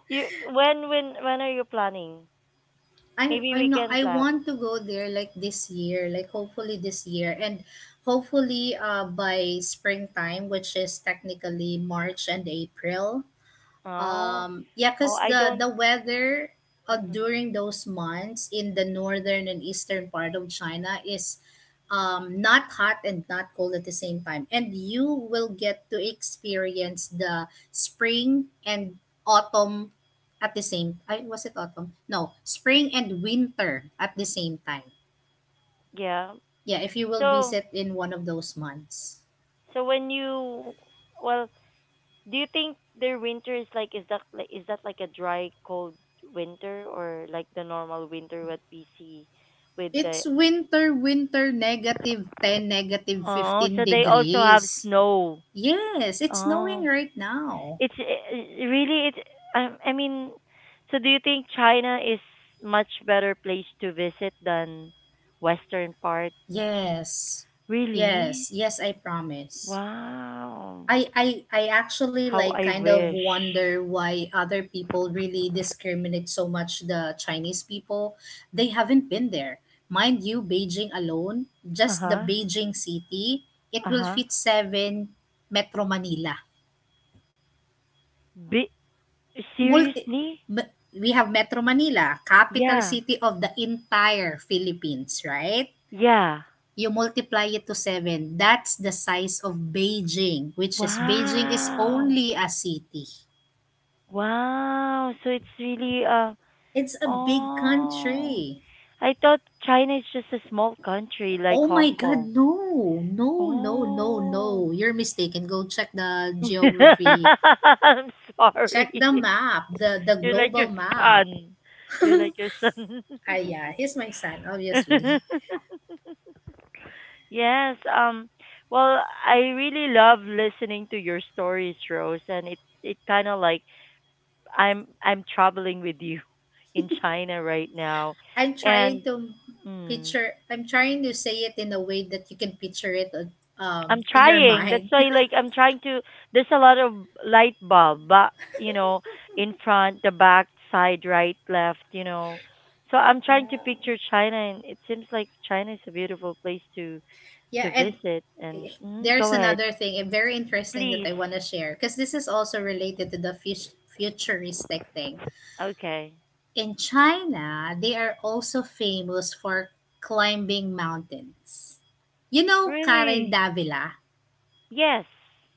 Speaker 1: You when when when are you planning?
Speaker 2: I
Speaker 1: Maybe
Speaker 2: I'm
Speaker 1: we
Speaker 2: not
Speaker 1: can
Speaker 2: I
Speaker 1: plan.
Speaker 2: want to go there like this year, like hopefully this year. And hopefully uh by springtime, which is technically March and April.
Speaker 1: Oh,
Speaker 2: Um, yeah,
Speaker 1: oh,
Speaker 2: because
Speaker 1: I
Speaker 2: the
Speaker 1: don't.
Speaker 2: the weather uh,
Speaker 1: Hmm.
Speaker 2: during those months in the northern and eastern part of China is um, not hot and not cold at the same time, and you will get to experience the spring and autumn at the same. I, was it autumn? No, spring and winter at the same time.
Speaker 1: Yeah.
Speaker 2: Yeah, if you will
Speaker 1: So
Speaker 2: visit in one of those months.
Speaker 1: so when you well, do you think their winter is like, is that like, is that like a dry cold winter or like the normal winter what we see with the,
Speaker 2: It's winter, winter, negative ten, negative
Speaker 1: oh,
Speaker 2: fifteen
Speaker 1: so they also have
Speaker 2: degrees.
Speaker 1: snow.
Speaker 2: Yes, it's snowing
Speaker 1: Oh.
Speaker 2: right now.
Speaker 1: It's uh, really it's I, I mean so do you think China is much better place to visit than western part?
Speaker 2: Yes. Yes,
Speaker 1: Really?
Speaker 2: yes, I promise.
Speaker 1: Wow.
Speaker 2: I I I actually
Speaker 1: How
Speaker 2: like
Speaker 1: I
Speaker 2: kind of
Speaker 1: wish.
Speaker 2: wonder why other people really discriminate so much the Chinese people. They haven't been there. Mind you, Beijing alone, just the
Speaker 1: Uh-huh.
Speaker 2: Beijing city, it will
Speaker 1: Uh-huh.
Speaker 2: fit seven Metro Manila.
Speaker 1: Be-
Speaker 2: Multi
Speaker 1: seriously?
Speaker 2: m- we have Metro Manila, capital
Speaker 1: Yeah.
Speaker 2: city of the entire Philippines, right?
Speaker 1: Yeah.
Speaker 2: You multiply it to seven. That's the size of Beijing, which is Beijing is
Speaker 1: Wow.
Speaker 2: only a city.
Speaker 1: Wow. So it's really uh
Speaker 2: It's a big
Speaker 1: oh.
Speaker 2: country.
Speaker 1: I thought China is just a small country like
Speaker 2: Oh my
Speaker 1: Hong
Speaker 2: God,
Speaker 1: Kong.
Speaker 2: no, no, no, no,
Speaker 1: Oh.
Speaker 2: no. You're mistaken. Go check the geography.
Speaker 1: I'm
Speaker 2: Check
Speaker 1: sorry.
Speaker 2: the map, the, the
Speaker 1: You're like
Speaker 2: global
Speaker 1: your
Speaker 2: map.
Speaker 1: son. You're like your son.
Speaker 2: Ah, yeah, he's my son, obviously.
Speaker 1: Yes, um well, I really love listening to your stories, Rose, and it it kind of like I'm I'm traveling with you in China right now,
Speaker 2: I'm trying
Speaker 1: and
Speaker 2: to
Speaker 1: mm,
Speaker 2: picture, I'm trying to say it in a way that you can picture it uh,
Speaker 1: I'm
Speaker 2: um, in your
Speaker 1: trying. That's
Speaker 2: mind.
Speaker 1: why, like, I'm trying to. There's a lot of light bulb, but you know, in front, the back, side, right, left. You know, so I'm trying to
Speaker 2: Yeah.
Speaker 1: picture China, and it seems like China is a beautiful place to
Speaker 2: Yeah,
Speaker 1: to
Speaker 2: and
Speaker 1: visit. And mm,
Speaker 2: there's
Speaker 1: go ahead,
Speaker 2: another thing, eh, very interesting,
Speaker 1: please.
Speaker 2: that I want to share because this is also related to the fut- futuristic thing.
Speaker 1: Okay.
Speaker 2: In China, they are also famous for climbing mountains. You know Karen
Speaker 1: Really?
Speaker 2: Davila,
Speaker 1: Yes.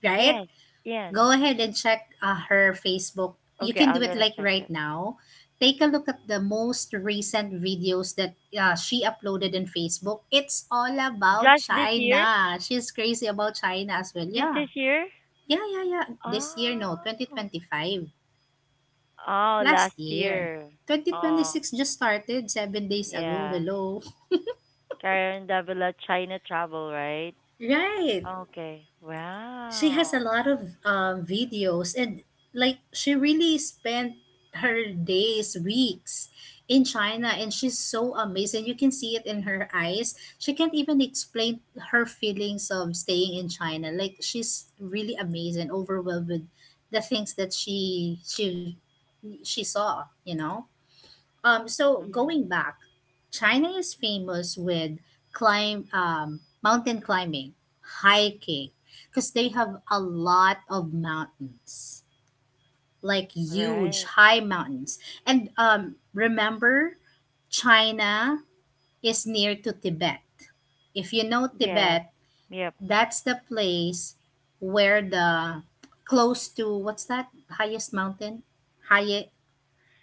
Speaker 2: right?
Speaker 1: Yes. Yes.
Speaker 2: Go ahead and check uh, her Facebook. You
Speaker 1: Okay,
Speaker 2: can
Speaker 1: I'm
Speaker 2: do it
Speaker 1: gonna
Speaker 2: like
Speaker 1: check
Speaker 2: right
Speaker 1: that.
Speaker 2: now. Take a look at the most recent videos that uh, she uploaded in Facebook. It's all about
Speaker 1: Just this year?
Speaker 2: China. She's crazy about China as well.
Speaker 1: This this
Speaker 2: Yeah.
Speaker 1: year?
Speaker 2: Yeah, yeah, yeah.
Speaker 1: Oh.
Speaker 2: This year, no, twenty twenty-five.
Speaker 1: Oh, last
Speaker 2: Last year.
Speaker 1: year. Oh,
Speaker 2: twenty twenty-six just started seven days ago.
Speaker 1: yeah.
Speaker 2: Hello.
Speaker 1: Karen Davila China travel, right?
Speaker 2: Right.
Speaker 1: Okay.
Speaker 2: She has a
Speaker 1: Wow.
Speaker 2: lot of um, videos, and like she really spent her days, weeks in China, and she's so amazing. You can see it in her eyes. She can't even explain her feelings of staying in China. Like she's really amazed and overwhelmed with the things that she she she saw, you know? Um, so
Speaker 1: Mm.
Speaker 2: going back, China is famous with climb um, mountain climbing, hiking, because they have a lot of mountains, like huge
Speaker 1: Right.
Speaker 2: high mountains. And um, remember, China is near to Tibet. If you know
Speaker 1: Yeah.
Speaker 2: Tibet,
Speaker 1: Yep.
Speaker 2: that's the place where the close to what's that highest mountain? High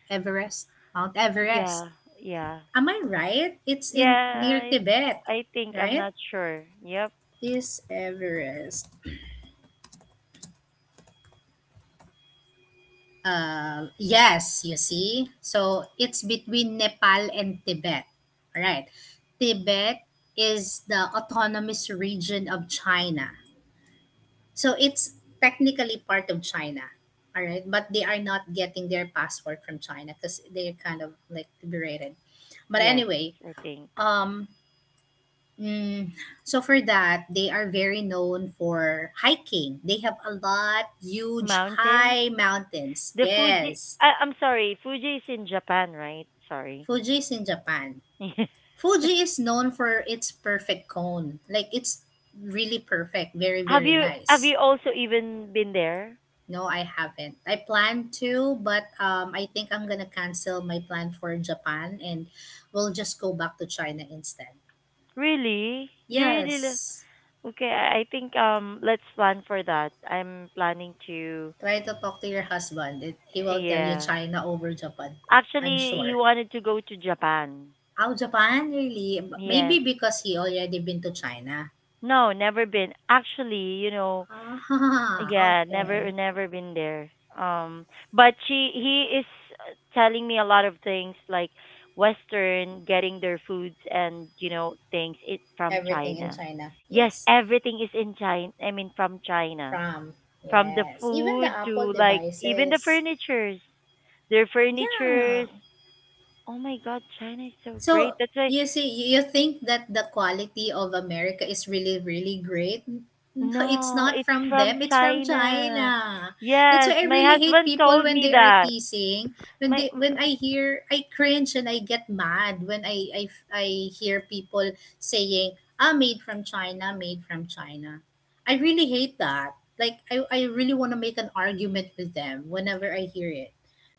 Speaker 2: Everest, Mount Everest.
Speaker 1: Yeah. Yeah.
Speaker 2: Am I right? It's
Speaker 1: Yeah,
Speaker 2: in near
Speaker 1: I,
Speaker 2: Tibet,
Speaker 1: I think I'm
Speaker 2: right?
Speaker 1: not sure. Yep.
Speaker 2: Is Everest. Uh, yes, you see. So it's between Nepal and Tibet. All right. Tibet is the autonomous region of China, so it's technically part of China. All right. But they are not getting their passport from China because they're kind of like liberated. But
Speaker 1: Yes,
Speaker 2: anyway,
Speaker 1: I think.
Speaker 2: um, Mm, so for that, they are very known for hiking. They have a lot huge
Speaker 1: Mountains?
Speaker 2: high mountains.
Speaker 1: The Fuji
Speaker 2: Yes.
Speaker 1: I, I'm sorry, Fuji is in Japan, right? Sorry.
Speaker 2: Fuji is in Japan.
Speaker 1: have
Speaker 2: Fuji is known for its perfect cone. Like it's really perfect, very very
Speaker 1: you, have
Speaker 2: nice.
Speaker 1: you also even been there?
Speaker 2: No, I haven't. I plan to, but um I think I'm going to cancel my plan for Japan and we'll just go back to China instead.
Speaker 1: Really? You really lo-
Speaker 2: Yes.
Speaker 1: okay, I I think um let's plan for that. I'm planning to
Speaker 2: Try to talk to your husband. It, he will tell you
Speaker 1: yeah.
Speaker 2: China over Japan too. I'm
Speaker 1: Actually, he
Speaker 2: sure.
Speaker 1: wanted to go to Japan.
Speaker 2: Oh, Japan? Really? B- Maybe
Speaker 1: Yes.
Speaker 2: because he already been to China.
Speaker 1: No, never been. Actually, you know,
Speaker 2: Ah,
Speaker 1: yeah, never
Speaker 2: okay.
Speaker 1: never been there. Um but she he is uh, telling me a lot of things like western getting their foods and you know things it from
Speaker 2: Everything in
Speaker 1: China.
Speaker 2: China.
Speaker 1: Yes,
Speaker 2: Yes.
Speaker 1: everything is in China. I mean from China.
Speaker 2: From.
Speaker 1: From the
Speaker 2: Yes. Even the
Speaker 1: food
Speaker 2: Apple
Speaker 1: to like even the
Speaker 2: devices.
Speaker 1: furnitures. Their
Speaker 2: Yeah.
Speaker 1: furnitures. Oh my god, China is so
Speaker 2: So
Speaker 1: great. That's why
Speaker 2: you see, you you think that the quality of America is really, really great. No, it's
Speaker 1: no,
Speaker 2: not
Speaker 1: it's
Speaker 2: from
Speaker 1: from
Speaker 2: them. It's from China.
Speaker 1: China.
Speaker 2: That's
Speaker 1: Yes,
Speaker 2: why I
Speaker 1: my
Speaker 2: really hate
Speaker 1: husband
Speaker 2: people
Speaker 1: told
Speaker 2: when
Speaker 1: me
Speaker 2: they are
Speaker 1: that.
Speaker 2: teasing. When
Speaker 1: My
Speaker 2: they,
Speaker 1: m-
Speaker 2: when I hear, I cringe and I get mad when I, I, I hear people saying, "Ah, made from China, made from China." I really hate that. Like I, I really want to make an argument with them whenever I hear it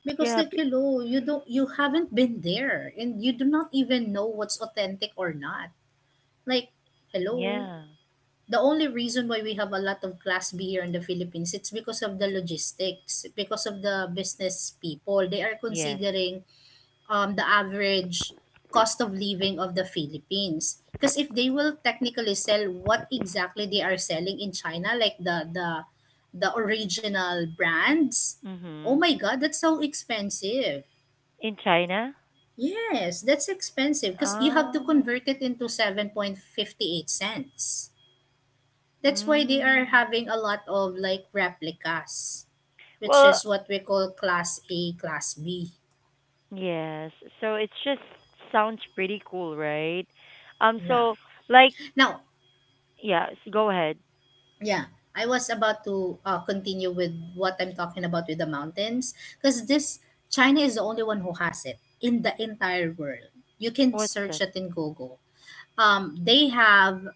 Speaker 2: because
Speaker 1: yeah, b-
Speaker 2: like you know you don't you haven't been there and you do not even know what's authentic or not, like hello.
Speaker 1: yeah.
Speaker 2: The only reason why we have a lot of class B here in the Philippines, it's because of the logistics, because of the business people. They are
Speaker 1: Yes.
Speaker 2: considering um the average cost of living of the Philippines, because if they will technically sell what exactly they are selling in China, like the the the original brands, oh
Speaker 1: Mhm.
Speaker 2: my god, that's so expensive.
Speaker 1: In China?
Speaker 2: Yes, that's expensive because you have to
Speaker 1: Oh.
Speaker 2: convert it into seven point five eight cents. That's why they are
Speaker 1: Mm.
Speaker 2: having a lot of like replicas, which
Speaker 1: Well,
Speaker 2: is what we call class A, class B.
Speaker 1: yes. So it's just sounds pretty cool, right? Um
Speaker 2: Yeah.
Speaker 1: so like
Speaker 2: Now,
Speaker 1: yeah, s- go ahead.
Speaker 2: yeah, I was about to uh, continue with what I'm talking about with the mountains, because this China is the only one who has it in the entire world. You can
Speaker 1: What's
Speaker 2: search
Speaker 1: that?
Speaker 2: it in Google. Um, they have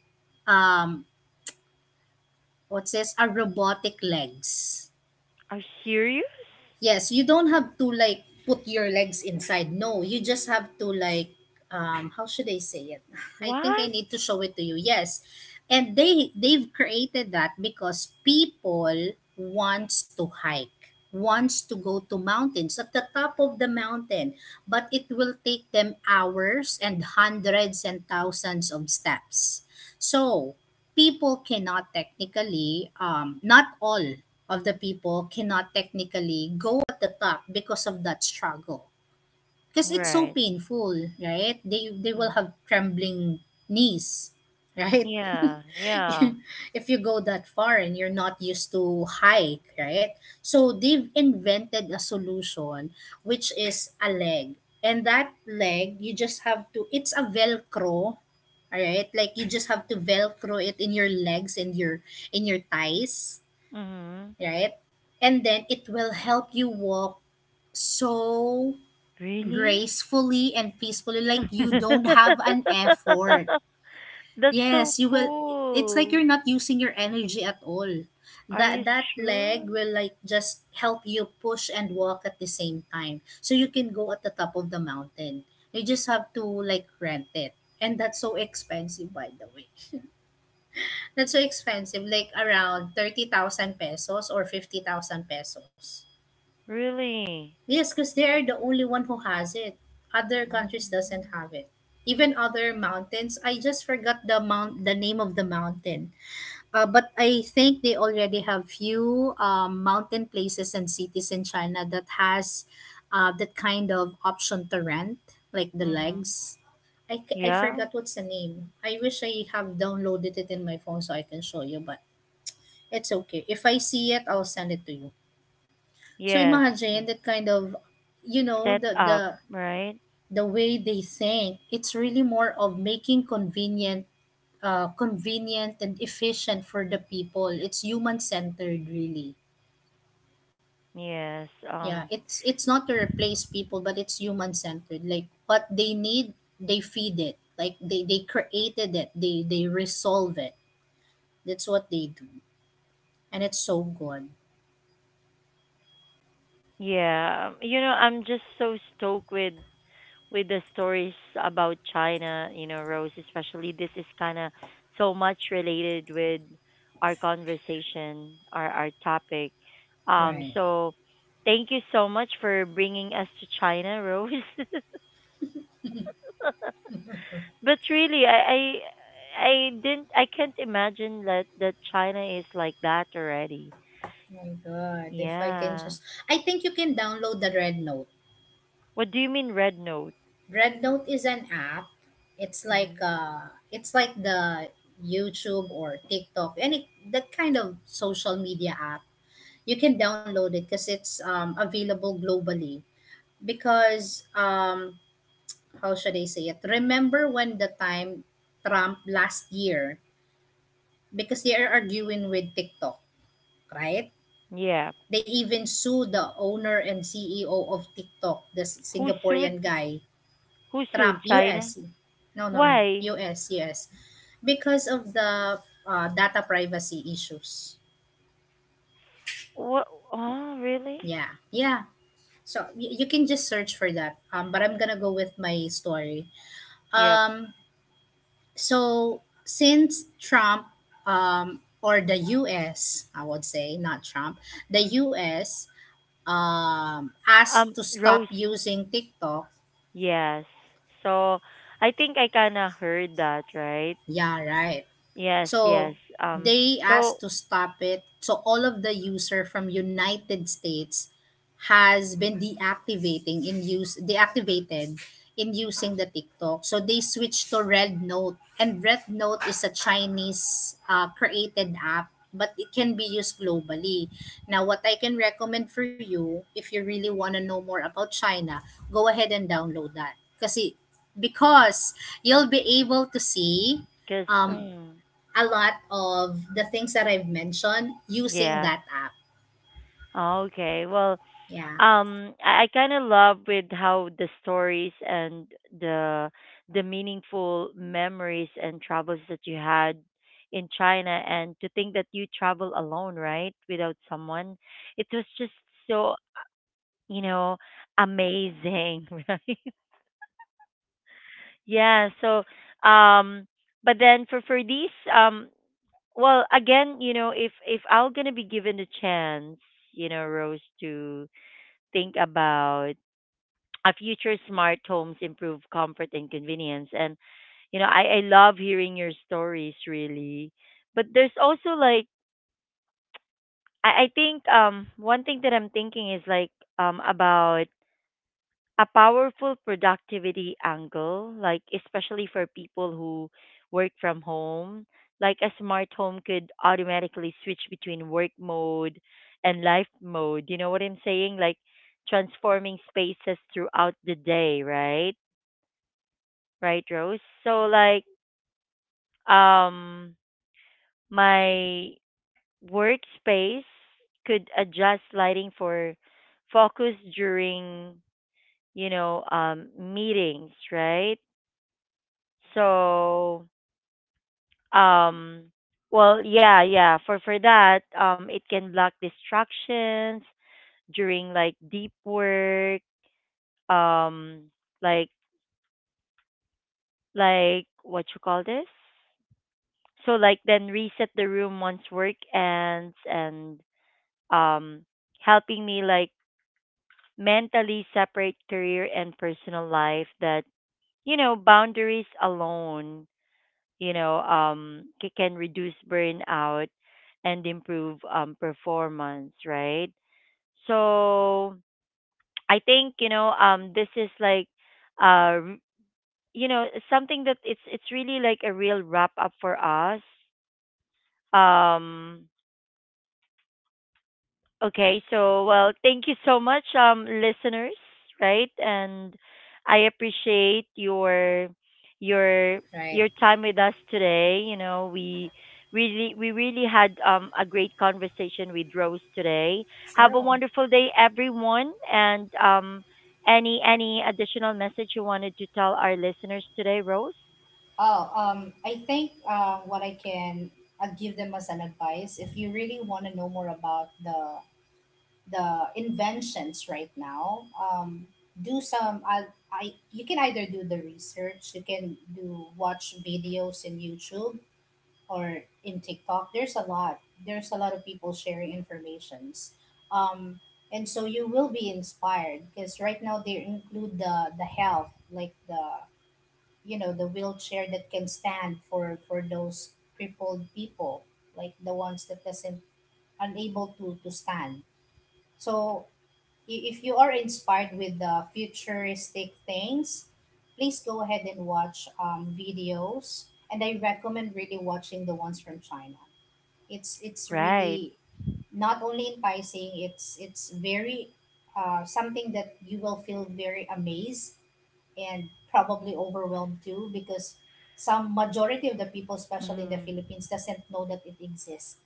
Speaker 2: um, what's this? A robotic legs.
Speaker 1: Are serious?
Speaker 2: Yes, you don't have to like put your legs inside. No, you just have to like, um how should I say it? I think I
Speaker 1: What?
Speaker 2: need to show it to you. Yes. And they they've created that because people wants to hike, wants to go to mountains, at the top of the mountain, but it will take them hours and hundreds and thousands of steps. So people cannot technically, um, not all of the people cannot technically go at the top because of that struggle. Because it's so
Speaker 1: Right.
Speaker 2: painful, right? They they will
Speaker 1: Mm.
Speaker 2: have trembling knees, right?
Speaker 1: Yeah, yeah.
Speaker 2: If you go that far and you're not used to hike, right? So they've invented a solution, which is a leg. And that leg, you just have to, it's a velcro, all right? Like you just have to velcro it in your legs and your, in your thighs,
Speaker 1: Mm-hmm.
Speaker 2: right? And then it will help you walk so
Speaker 1: Really?
Speaker 2: gracefully and peacefully, like you don't have an effort.
Speaker 1: That's so
Speaker 2: Yes, you will. It's like
Speaker 1: cool.
Speaker 2: you're not using your energy at all.
Speaker 1: Are
Speaker 2: That
Speaker 1: you
Speaker 2: that
Speaker 1: sure?
Speaker 2: leg will like just help you push and walk at the same time. So you can go at the top of the mountain. You just have to like rent it. And that's so expensive, by the way. That's so expensive, like around thirty thousand pesos or fifty thousand pesos.
Speaker 1: Really?
Speaker 2: Yes, because they're the only one who has it. Other
Speaker 1: Oh,
Speaker 2: countries doesn't have it. Even other mountains, I just forgot the mount the name of the mountain. Uh, but I think they already have few um, mountain places and cities in China that has uh, that kind of option to rent, like the
Speaker 1: mm-hmm.
Speaker 2: legs. I, c- I
Speaker 1: Yeah.
Speaker 2: forgot what's the name. I wish I have downloaded it in my phone so I can show you, but it's okay. If I see it, I'll send it to you. So
Speaker 1: Yes.
Speaker 2: imagine
Speaker 1: Yes.
Speaker 2: that kind of, you know,
Speaker 1: Set
Speaker 2: the the
Speaker 1: up, right?
Speaker 2: the way they think, it's really more of making convenient uh, convenient and efficient for the people. It's human centered, really.
Speaker 1: Yes.
Speaker 2: Yeah,
Speaker 1: Um.
Speaker 2: it's it's not to replace people, but it's human centered, like what they need, they feed it. Like they they created it, they they resolve it. That's what they do, and it's so good.
Speaker 1: Yeah. You know, I'm just so stoked with with the stories about China, you know, Rose, especially this is kind of so much related with our conversation, our our topic. Um,
Speaker 2: Right,
Speaker 1: so thank you so much for bringing us to China, Rose. But really, I, I I didn't I can't imagine that that China is like that already.
Speaker 2: my god, if I can
Speaker 1: Yeah.
Speaker 2: just, I think you can download the Red Note.
Speaker 1: What do you mean Red Note?
Speaker 2: Evernote is an app. It's like
Speaker 1: Hmm.
Speaker 2: uh it's like the YouTube or TikTok, any that kind of social media app. You can download it because it's um, available globally. Because um how should I say it? Remember when the time Trump last year, because they are arguing with TikTok, right?
Speaker 1: Yeah.
Speaker 2: They even sued the owner and C E O of TikTok, the
Speaker 1: Who sued?
Speaker 2: Singaporean guy,
Speaker 1: Who sued
Speaker 2: Trump,
Speaker 1: China?
Speaker 2: U S. No, no, no.
Speaker 1: Why?
Speaker 2: U S, U S. Because of the uh, data privacy issues.
Speaker 1: What? Oh, really?
Speaker 2: Yeah, yeah. So y- you can just search for that. Um, but I'm gonna go with my story.
Speaker 1: Yep.
Speaker 2: Um, so since Trump, um, or the U S, I would say not Trump, the U S um,
Speaker 1: Um,
Speaker 2: asked to stop
Speaker 1: Rose.
Speaker 2: using TikTok.
Speaker 1: Yes. So I think I kind of heard that, right?
Speaker 2: Yeah, right.
Speaker 1: Yes,
Speaker 2: So
Speaker 1: yes. Um,
Speaker 2: they
Speaker 1: so
Speaker 2: asked to stop it. So all of the user from United States has been deactivating in use deactivated in using the TikTok. So they switched to Red Note, and Red Note is a Chinese uh, created app, but it can be used globally. Now what I can recommend for you, if you really want to know more about China, go ahead and download that. Kasi, because you'll be able to see
Speaker 1: because
Speaker 2: um,
Speaker 1: mm,
Speaker 2: a lot of the things that I've mentioned using
Speaker 1: yeah.
Speaker 2: that app.
Speaker 1: Okay. Well,
Speaker 2: Yeah,
Speaker 1: um, I, I kind of love with how the stories and the the meaningful memories and travels that you had in China, and to think that you travel alone, right, without someone, it was just so, you know, amazing, right? Yeah, so um but then for for these um well again, you know, if if I'm going to be given the chance, you know, Rose, to think about a future smart homes improve comfort and convenience, and you know, I I love hearing your stories really. But there's also like I I think um one thing that I'm thinking is like um about a powerful productivity angle, like especially for people who work from home. Like a smart home could automatically switch between work mode and life mode. You know what I'm saying? Like transforming spaces throughout the day, right? Right, Rose? So like um my workspace could adjust lighting for focus during, you know, um meetings, right? So, um, well, yeah, yeah. For for that, um, it can block distractions during like deep work, um, like like what you call this? So like then reset the room once work ends and um helping me like mentally separate career and personal life, that, you know, boundaries alone, you know, um, c- can reduce burnout and improve um, performance, right? So I think, you know, um, this is like, uh, r- you know, something that it's it's really like a real wrap up for us. Um, Okay, so well, thank you so much, um, listeners, right? And I appreciate your your
Speaker 2: right.
Speaker 1: your time with us today. You know, we really we really had um a great conversation with Rose today. Have a
Speaker 2: True.
Speaker 1: wonderful day, everyone, and um any any additional message you wanted to tell our listeners today, Rose?
Speaker 2: Oh, um, I think uh, what I can uh, give them as an advice, if you really want to know more about the the inventions right now, um, do some. I, I you can either do the research, you can do watch videos in YouTube, or in TikTok, there's a lot. There's a lot of people sharing informations. Um, and so you will be inspired because right now they include the the health, like the, you know, the wheelchair that can stand for for those crippled people, like the ones that doesn't unable to to stand. So I- if you are inspired with the futuristic things, please go ahead and watch um, videos. And I recommend really watching the ones from China. It's it's really
Speaker 1: Right.
Speaker 2: not only enticing. it's it's very uh, something that you will feel very amazed, and probably overwhelmed too, because some majority of the people, especially in the
Speaker 1: Mhm.
Speaker 2: Philippines, doesn't know that it exists,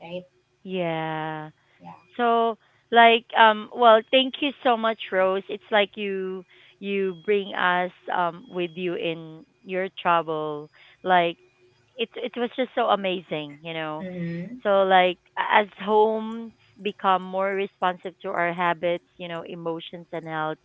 Speaker 2: right?
Speaker 1: Yeah.
Speaker 2: Yeah.
Speaker 1: So like um well thank you so much Rose. It's like you you bring us um with you in your trouble. Like it it was just so amazing, you know.
Speaker 2: Mm-hmm.
Speaker 1: So like a- as homes become more responsive to our habits, you know, emotions and health,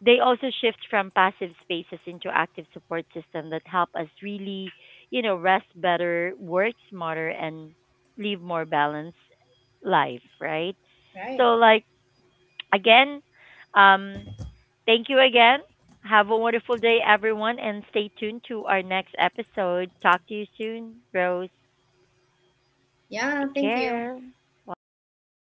Speaker 1: they also shift from passive spaces into active support system that help us really, you know, rest better, work smarter, and live more balanced life, right?
Speaker 2: Right.
Speaker 1: So, like, again, um, thank you again. Have a wonderful day, everyone, and stay tuned to our next episode. Talk to you soon, Rose.
Speaker 2: Yeah,
Speaker 1: Take
Speaker 2: thank you.
Speaker 1: care. Welcome.